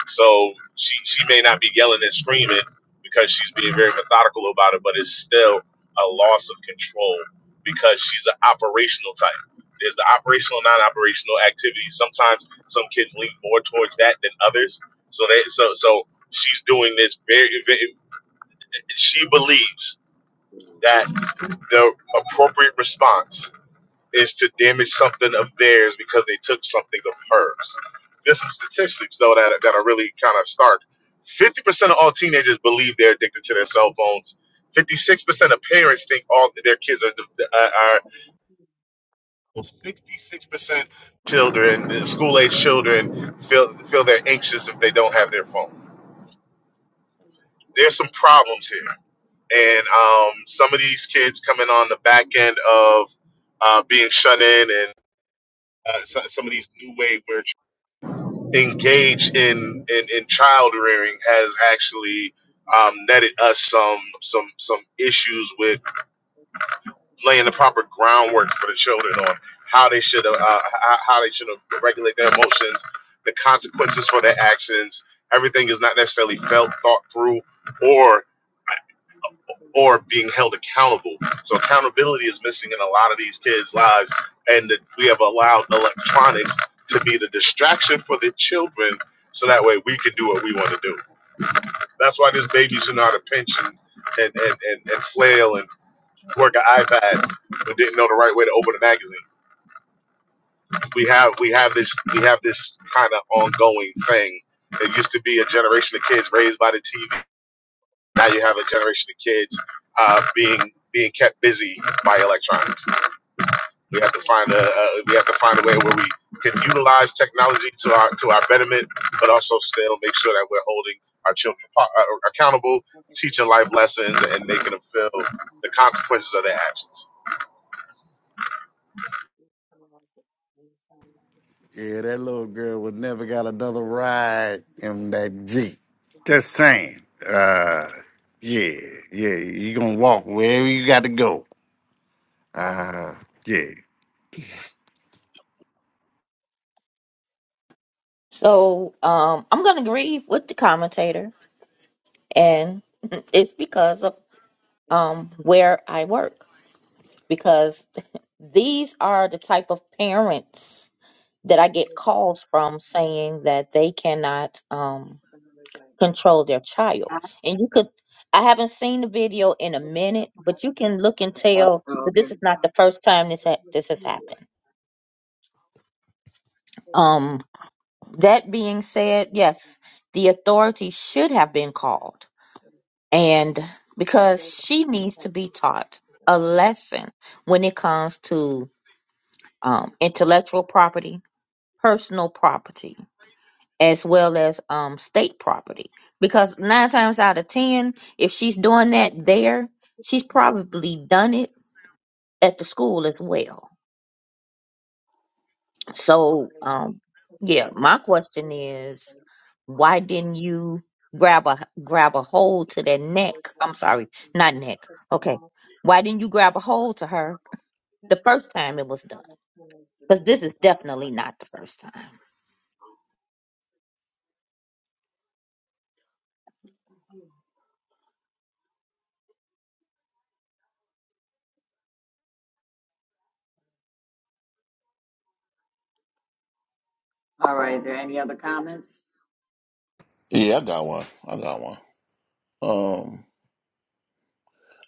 L: So she she may not be yelling and screaming because she's being very methodical about it, but it's still a loss of control because she's an operational type. There's the operational, non-operational activities. Sometimes some kids lean more towards that than others. So they so so she's doing this very, very she believes that the appropriate response is to damage something of theirs because they took something of hers. There's some statistics though that that are really kind of stark. 50% of all teenagers believe they're addicted to their cell phones. 56% of parents think all their kids are, uh, are 66% children, school age children, feel feel they're anxious if they don't have their phone. There's some problems here, and um, some of these kids coming on the back end of uh, being shut in, and uh, so- some of these new wave where engage in in, in child rearing has actually um, netted us some some some issues with. laying the proper groundwork for the children on how they should uh, h- how they should regulate their emotions, the consequences for their actions. Everything is not necessarily felt, thought through, or or being held accountable. So accountability is missing in a lot of these kids' lives, and that we have allowed electronics to be the distraction for the children. So that way we can do what we want to do. That's why this baby should know how to pinch and and, and, and, and flail and work an iPad, but didn't know the right way to open a magazine we have we have this we have this kind of ongoing thing. It used to be a generation of kids raised by the TV. Now you have a generation of kids uh, being being kept busy by electronics. We have to find a uh, we have to find a way where we can utilize technology to our to our betterment, but also still make sure that we're holding our children apo- uh, accountable, teaching life lessons, and making them feel the consequences of their actions.
G: Yeah, that little girl would never got another ride in that Jeep. Just saying. Uh, yeah, yeah. You gonna walk wherever you got to go. Uh, yeah.
E: so um I'm gonna agree with the commentator and [LAUGHS] it's because of um where I work because [LAUGHS] these are the type of parents that I get calls from saying that they cannot um, control their child. And you could, I haven't seen the video in a minute, but you can look and tell that this is not the first time this ha- this has happened. Um, that being said, yes, the authorities should have been called, and because she needs to be taught a lesson when it comes to um, intellectual property, personal property, as well as um state property because nine times out of ten if she's doing that there she's probably done it at the school as well so um yeah my question is why didn't you grab a grab a hold to that neck i'm sorry not neck okay why didn't you grab a hold to her the first time it was done because this is definitely not the first time
N: Yeah, I got one. I got one. Um,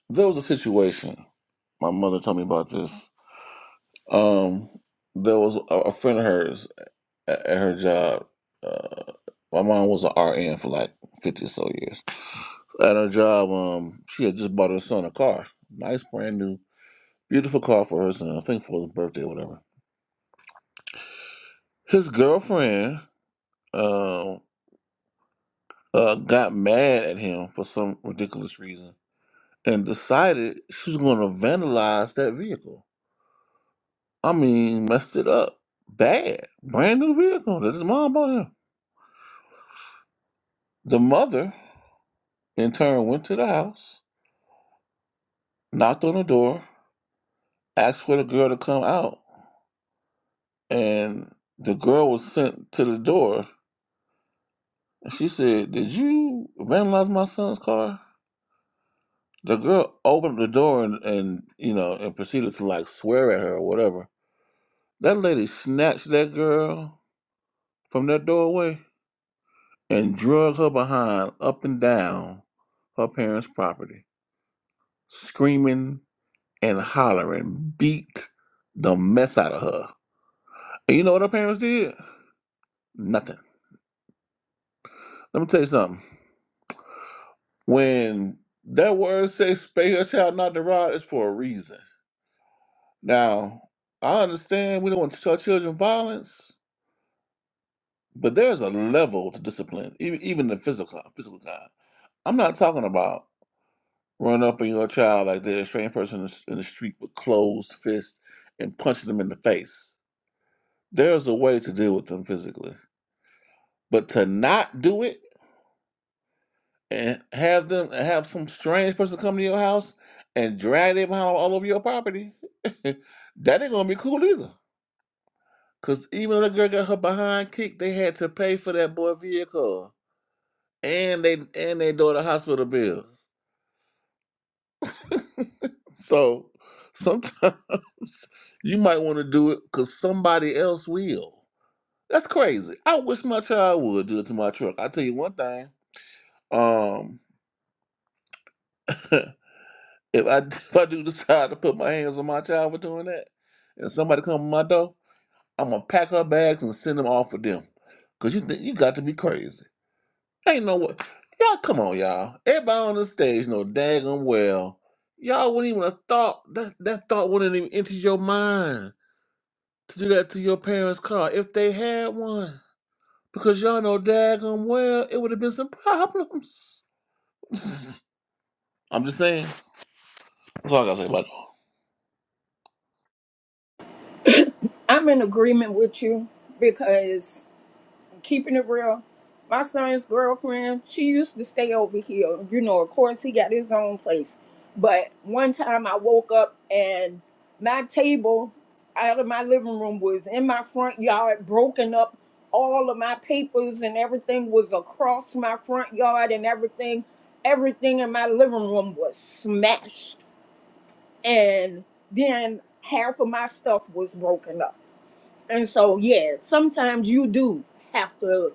N: there was a situation. My mother told me about this. Um, there was a, a friend of hers at, at her job. Uh, my mom was an RN for like fifty or so years. At her job, um, she had just bought her son a car, nice brand new, beautiful car for her son. I think for his birthday or whatever. His girlfriend, um, uh, got mad at him for some ridiculous reason and decided she was going to vandalize that vehicle I mean, messed it up bad. Brand new vehicle that his mom bought him. The mother, in turn, went to the house, knocked on the door, asked for the girl to come out, and the girl was sent to the door. And she said, "Did you vandalize my son's car?" The girl opened the door and, and you know and proceeded to like swear at her or whatever. That lady snatched that girl from that doorway and drug her behind up and down her parents' property. screaming and hollering, beat the mess out of her. And you know what her parents did? Nothing. Let me tell you something. When that word says spare your child not to ride, it's for a reason. Now, I understand we don't want to tell children violence, but there's a level to discipline, even even the physical physical kind. I'm not talking about running up on your child like they're a strange person in the in the street with closed fists and punching them in the face. There's a way to deal with them physically But to not do it and have them have some strange person come to your house and drag their behind all over your property, [LAUGHS] that ain't gonna be cool either. Cause even though the girl got her behind kicked, they had to pay for that boy vehicle and they and they daughter hospital bills. So sometimes [LAUGHS] you might want to do it cause somebody else will. That's crazy. I wish my child would do it to my truck. I tell you one thing. Um, [LAUGHS] If I [LAUGHS] if I do decide to put my hands on my child for doing that, and somebody come to my door, I'm gonna pack her bags and send them off with them. Cause you think you got to be crazy. Ain't no what y'all come on, y'all. Everybody on the stage know daggum well. Y'all wouldn't even have thought that that thought wouldn't even enter your mind to do that to your parents' car if they had one. Because y'all know daggum well it would have been some problems. [LAUGHS] I'm just saying. That's all I gotta say about
F: I'm in agreement with you because. keeping it real. My son's girlfriend, she used to stay over here. You know, of course, he got his own place. But one time I woke up and my table out of my living room was in my front yard, broken up. All of my papers and everything was across my front yard, and everything, everything in my living room was smashed. And then half of my stuff was broken up. And so, yeah, sometimes you do have to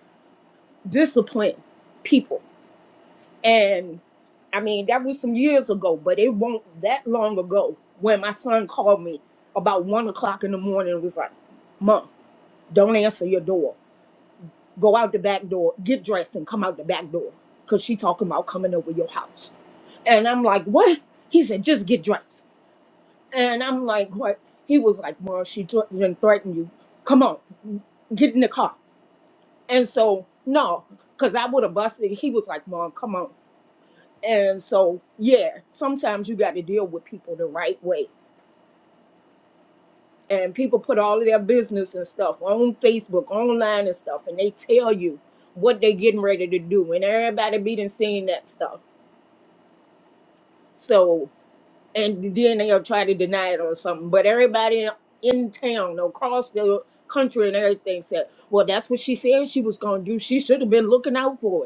F: discipline people. And I mean, that was some years ago, but it won't that long ago when my son called me about one o'clock in the morning and was like, Mom, don't answer your door. Go out the back door, get dressed, and come out the back door. Cause she talking about coming over your house. And I'm like, What? He said, just get dressed. And I'm like, What? He was like, Mom, she thre- didn't threaten you. Come on, get in the car. And so, no, because I would have busted. He was like, Mom, come on. And so, yeah, sometimes you got to deal with people the right way. And people put all of their business and stuff on Facebook, online and stuff, and they tell you what they getting ready to do. And everybody be done seeing that stuff. So, and then they'll try to deny it or something. But everybody in town, across the country and everything said, well, that's what she said she was going to do. She should have been looking out for it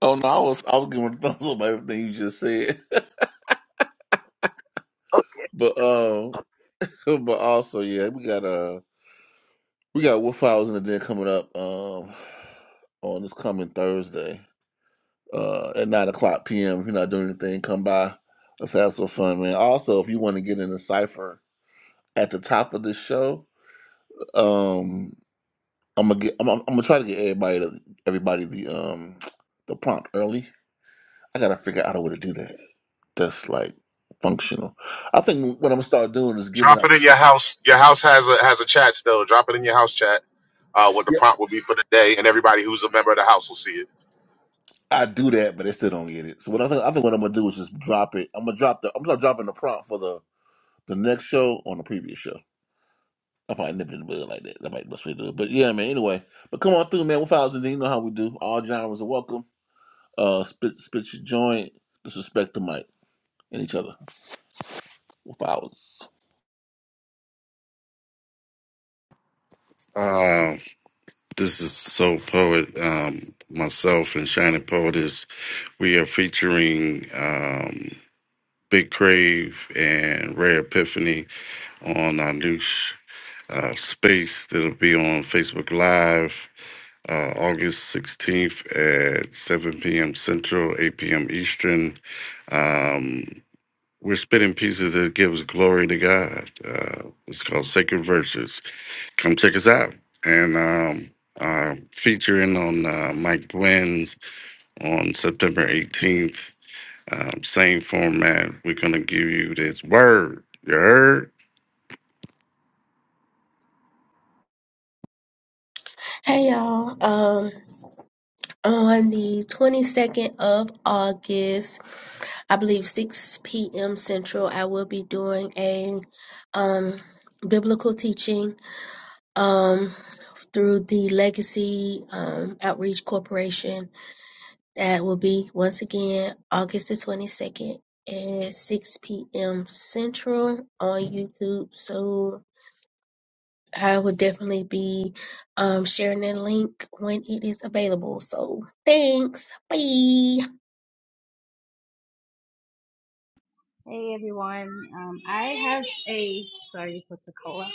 N: Oh no, I was I was giving [LAUGHS] a thumbs up by everything you just said. [LAUGHS] But um so, but also yeah, we got uh we got Wolf Hours in the Den coming up um on this coming Thursday. Uh at nine o'clock PM. If you're not doing anything, come by. Let's have some fun, man. Also, if you want to get in the cipher at the top of this show, um I'm gonna get I'm, I'm gonna try to get everybody to, everybody the um the prompt early. I gotta figure out a way to do that. that's like functional. I think what I'm gonna start doing is giving
L: Drop
N: out.
L: it in your house. Your house has a has a chat still. Drop it in your house chat. Uh, what the
N: Yeah,
L: prompt will be for the day, and everybody who's a member of the house will see it.
N: I do that, but they still don't get it. So what I think I think what I'm gonna do is just drop it. I'm gonna drop the I'm gonna dropping the prompt for the the next show on the previous show. I probably nip it in the bud like that. That might be the best way to do it. But yeah, man. Anyway, but come on through, man. With files and D, you know how we do. All genres are welcome. Uh, spit spit your joint. Disrespect the mic and each other with hours.
G: Uh, this is so poet. Um, myself and Shining Poetess, we are featuring. Um, Big Crave and Rare Epiphany on our new sh- uh, space that'll be on Facebook Live uh, August 16th at 7 p.m. Central, 8 p.m. Eastern. Um, we're spinning pieces that gives glory to God. Uh, it's called Sacred Verses. Come check us out. And um, uh, featuring on uh, Mike Gwynn's on September 18th um, same format. We're gonna give you this word. You heard?
O: Hey y'all. Um, on the 22nd of August, I believe 6 p.m. Central, I will be doing a um biblical teaching um through the Legacy um Outreach Corporation. That will be once again August the 22nd at 6 p.m. Central on YouTube. So I will definitely be um, sharing the link when it is available. So thanks. Bye.
P: Hey everyone, um, I have a sorry for Coca-Cola.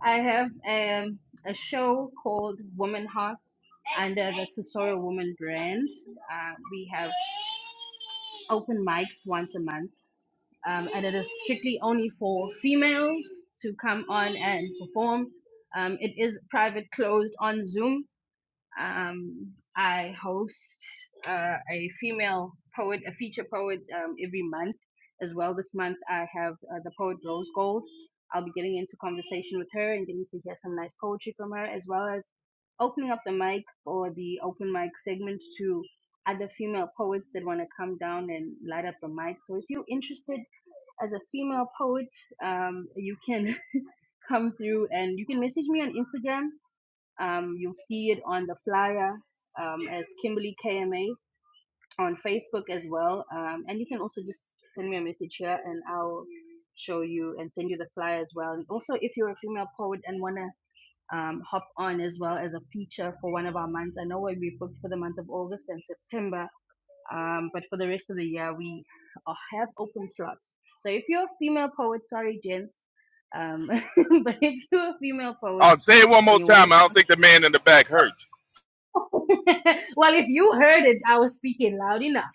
P: I have a a show called Woman Heart under the Tesoro Woman brand. Uh, we have open mics once a month, um, and it is strictly only for females to come on and perform. Um, it is private, closed on Zoom, um, I host uh, a female poet, a feature poet um, every month as well. This month I have uh, the poet Rose Gold. I'll be getting into conversation with her and getting to hear some nice poetry from her, as well as opening up the mic or the open mic segment to other female poets that want to come down and light up the mic. So if you're interested as a female poet, um, you can [LAUGHS] come through and you can message me on Instagram um, you'll see it on the flyer um, as Kimberly KMA on Facebook as well. Um, and you can also just send me a message here and I'll show you and send you the flyer as well. And also, if you're a female poet and want to um, hop on as well as a feature for one of our months, I know we'll be booked for the month of August and September, um, but for the rest of the year, we uh, have open slots. So if you're a female poet, sorry, gents, um, [LAUGHS] but if you're a female poet,
B: I'll say it one
P: and
B: more
P: you want to
B: time. I don't think the man in the back heard you.
P: [LAUGHS] well, if you heard it, I was speaking loud enough.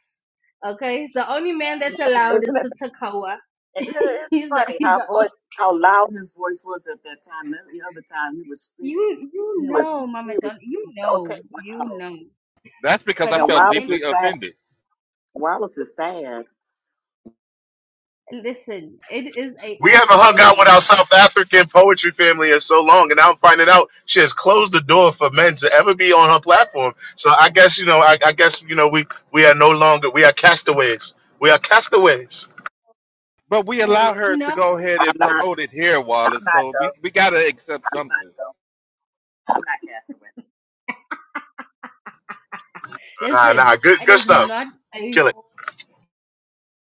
P: Okay, the only man that's allowed is to Takawa. [LAUGHS] he's the he's the o- you you know, Mama Don, you know, you know.
B: That's because
P: But
B: I
P: if
B: felt
P: there's any,
B: deeply offended.
P: listen, it is a
L: We
P: all
L: haven't hung out with our
P: female.
L: South African poetry family in so long, and now I'm finding out she has closed the door for men to ever be on her platform. So I guess you know, I, I guess you know, we we are no longer we are castaways. We are castaways.
B: But we
P: Oh
B: allow
P: Lord,
B: her to
P: no,
B: go ahead and promote it here, Wallace. So we, we gotta accept something.
L: Nah,
P: listen,
L: nah, good
P: it
L: good
P: is
L: stuff.
P: not
L: Kill
P: a
L: it.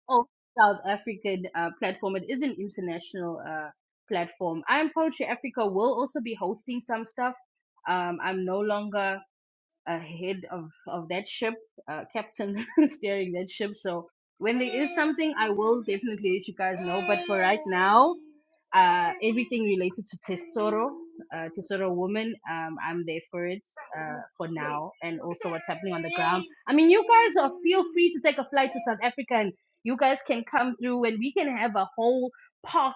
P: all South African uh, platform. It is an international uh, platform. I am Poetry Africa will also be hosting some stuff. Um, I'm no longer. ahead of of that ship, uh, captain [LAUGHS] steering that ship. So when there is something, I will definitely let you guys know. But for right now, uh, everything related to Tesoro, uh, Tesoro woman, um, I'm there for it uh, for now, and also what's happening on the ground. I mean, you guys are feel free to take a flight to South Africa, and you guys can come through, and we can have a whole park.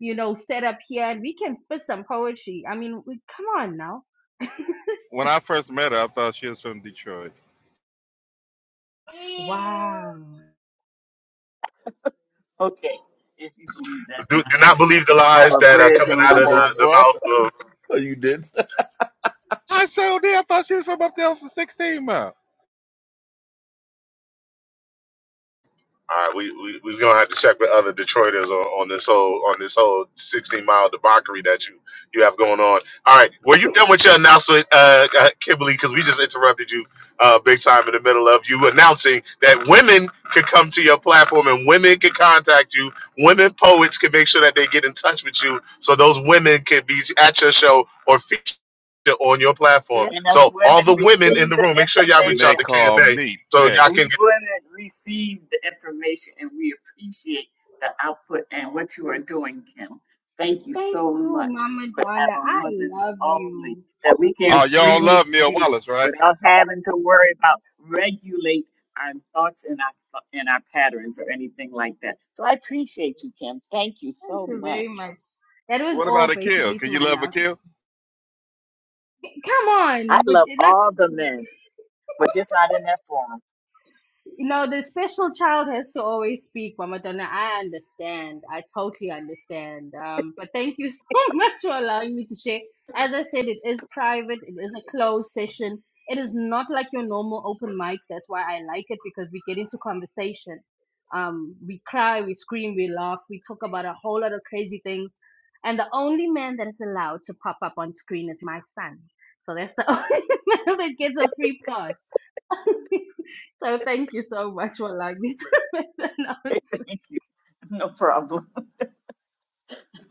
P: You know, set up here, and we can spit some poetry. I mean, we, come on now!
B: When I first met her, I thought she was from Detroit.
P: Wow
L: Do, do not believe the lies that are coming out
N: Come
L: of the,
N: on,
L: the
N: bro.
L: mouth
N: [LAUGHS] You did.
B: I showed her. I thought she was from up there for 16 miles.
L: All right, we we we're gonna have to check with other Detroiters on, on this whole on this whole sixteen mile debauchery that you you have going on. All right, were you done with your announcement, uh, uh, Kimberly? Because we just interrupted you uh, big time in the middle of you announcing that women could come to your platform and women could contact you. Women poets can make sure that they get in touch with you, so those women can be at your show or feature on your platform. So
A: Women
L: all the women in the room, make sure y'all
B: and
L: reach
B: they
L: out to
B: call
L: KMA
B: me
L: so y'all
B: petty.
L: can get
A: information. we share.
P: Thank you, Mama Donna. I love you.
B: Oh, y'all love Mill Wallace, right?
P: Thank you very much. That was
B: What about
P: all
B: Akil?
P: basically
B: Can
P: to
B: you
P: my
B: love Akil?
P: announcement.
B: kill?
P: Come on, but like. you know, the special child has to always speak, Mama Donna. I understand. I totally understand. Um, but thank you [LAUGHS] so much for allowing me to share. As I said, it is private. It is a closed session. It is not like your normal open mic. That's why I like it because we get into conversation. Um, we cry, we scream, we laugh, we talk about a whole lot of crazy things. And the only man that is allowed to pop up on screen is my son. So that's the [LAUGHS] only man that gets a free pass. [LAUGHS] So thank you so much, Walag, [LAUGHS] dito with the [LAUGHS] announcement.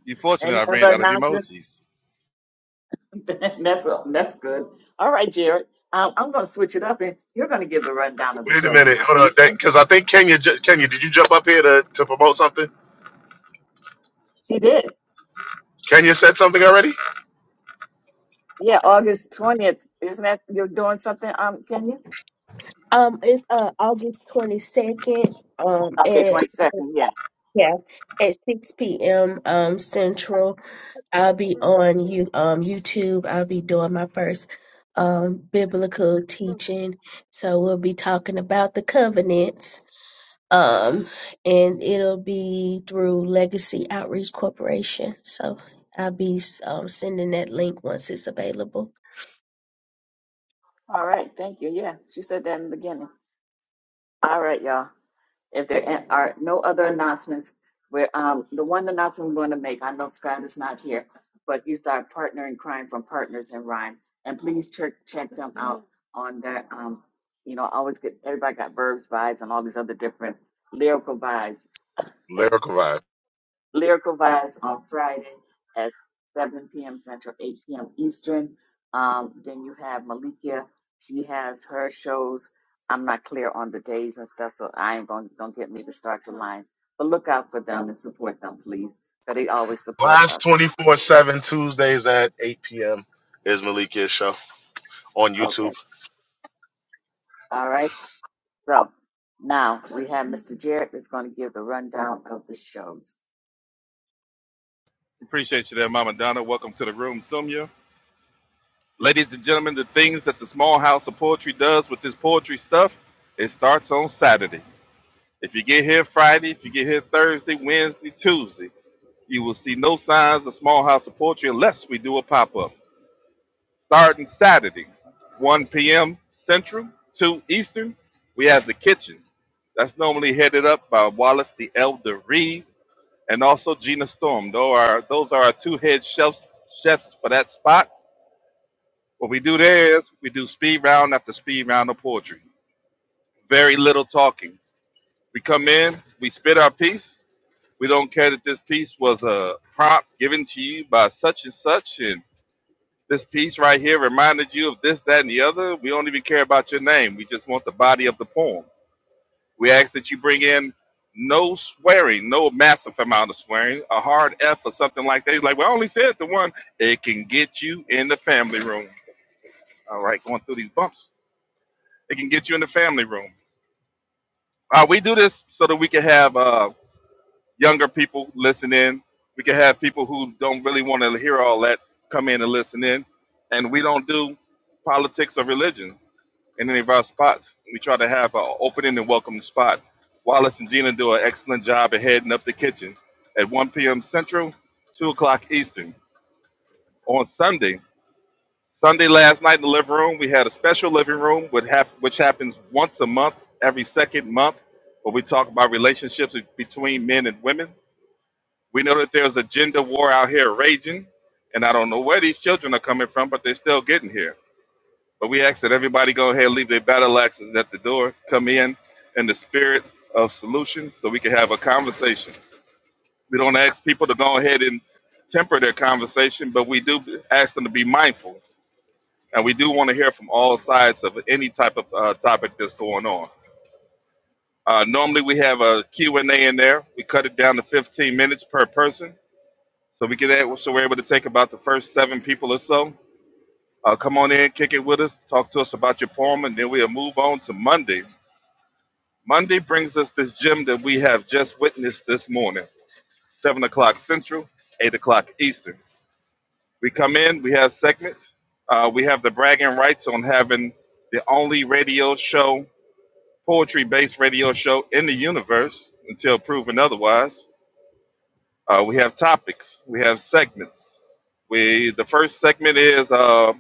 B: You fortunate I ran out of emojis.
A: right,
L: Wait a minute. Hold on. Because I think Kenya, ju- Kenya, did you jump up here to, to promote something? Kenya said something already?
A: August 20th.
O: Um, it's uh, August 22nd um, at yeah at 6 p.m. Um, Central. I'll be on you um, YouTube. I'll be doing my first um, biblical teaching. So we'll be talking about the covenants. Um, and it'll be through Legacy Outreach Corporation. So I'll be um, sending that link once it's available.
L: Lyrical Vibe. Last 24 7 Tuesdays at 8 p.m. is Malikia's show on YouTube.
B: Appreciate you there, Mama Donna. Welcome to the room, Sumya. Ladies and gentlemen, the things that the small house of poetry does with this poetry stuff, it starts on Saturday. If you get here Friday, if you get here Thursday, Wednesday, Tuesday, you will see no signs of small house of poetry unless we do a pop up. Starting Saturday, 1 p.m. Central, 2 Eastern, we have the kitchen. That's normally headed up by Wallace the Elder Reed and also Gina Storm. Those are, those are our two head chefs, chefs for that spot. What we do there is we do speed round after speed round of poetry. Very little talking. We come in, we spit our piece. We don't care that this piece was a prompt given to you by such and such, and. This piece right here reminded you of this, that, and the other. We don't even care about your name. We just want the body of the poem. We ask that you bring in no swearing, no massive amount of swearing, a hard F or something like that. He's like, well, I only said the one. It can get you in the family room. All right, going through these bumps. It can get you in the family room. Uh, we do this so that we can have uh, younger people listen in. We can have people who don't really want to hear all that come in and listen in. And we don't do politics or religion in any of our spots. We try to have an opening and welcome spot. Wallace and Gina do an excellent job of heading up the kitchen at 1 p.m. Central, 2 o'clock Eastern. On Sunday, Sunday last night in the living room, we had a special living room, which, hap- which happens once a month, every second month, where we talk about relationships between men and women. We know that there's a gender war out here raging, and I don't know where these children are coming from, but they're still getting here. But we ask that everybody go ahead and leave their battle axes at the door. Come in in the spirit of solution so we can have a conversation. We don't ask people to go ahead and temper their conversation, but we do ask them to be mindful. And we do want to hear from all sides of any type of uh, topic that's going on. Uh, normally we have a Q and a in there. We cut it down to 15 minutes per person. So we can that, so we're able to take about the first seven people or so. Uh, come on in, kick it with us, talk to us about your poem, and then we'll move on to Monday Monday brings us this gem that we have just witnessed this morning, 7 o'clock Central, 8 o'clock Eastern. We come in, we have segments. Uh, we have the bragging rights on having the only radio show, poetry based radio show in the universe until proven otherwise. Uh, we have topics, we have segments. We The first segment is uh,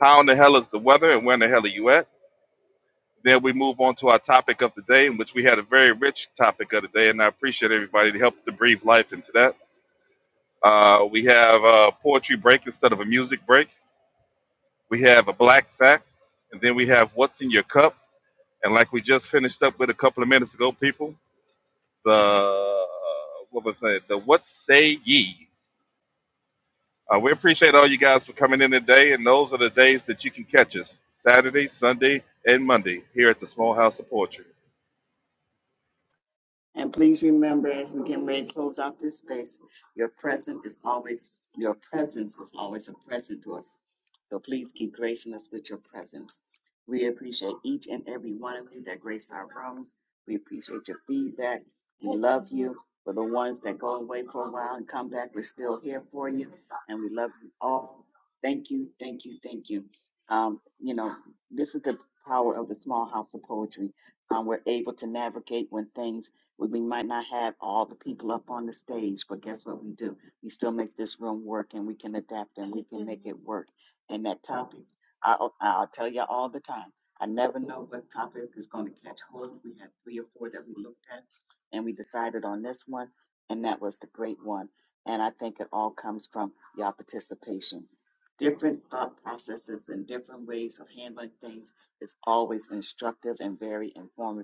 B: How in the hell is the weather and where in the hell are you at? Then we move on to our topic of the day, in which we had a very rich topic of the day, and I appreciate everybody to help to breathe life into that. Uh, we have a poetry break instead of a music break. We have a black fact, and then we have what's in your cup. And like we just finished up with a couple of minutes ago, people, the uh, what was that? The what say ye? Uh, we appreciate all you guys for coming in today, and those are the days that you can catch us: Saturday, Sunday, and Monday here at the Small House of Poetry.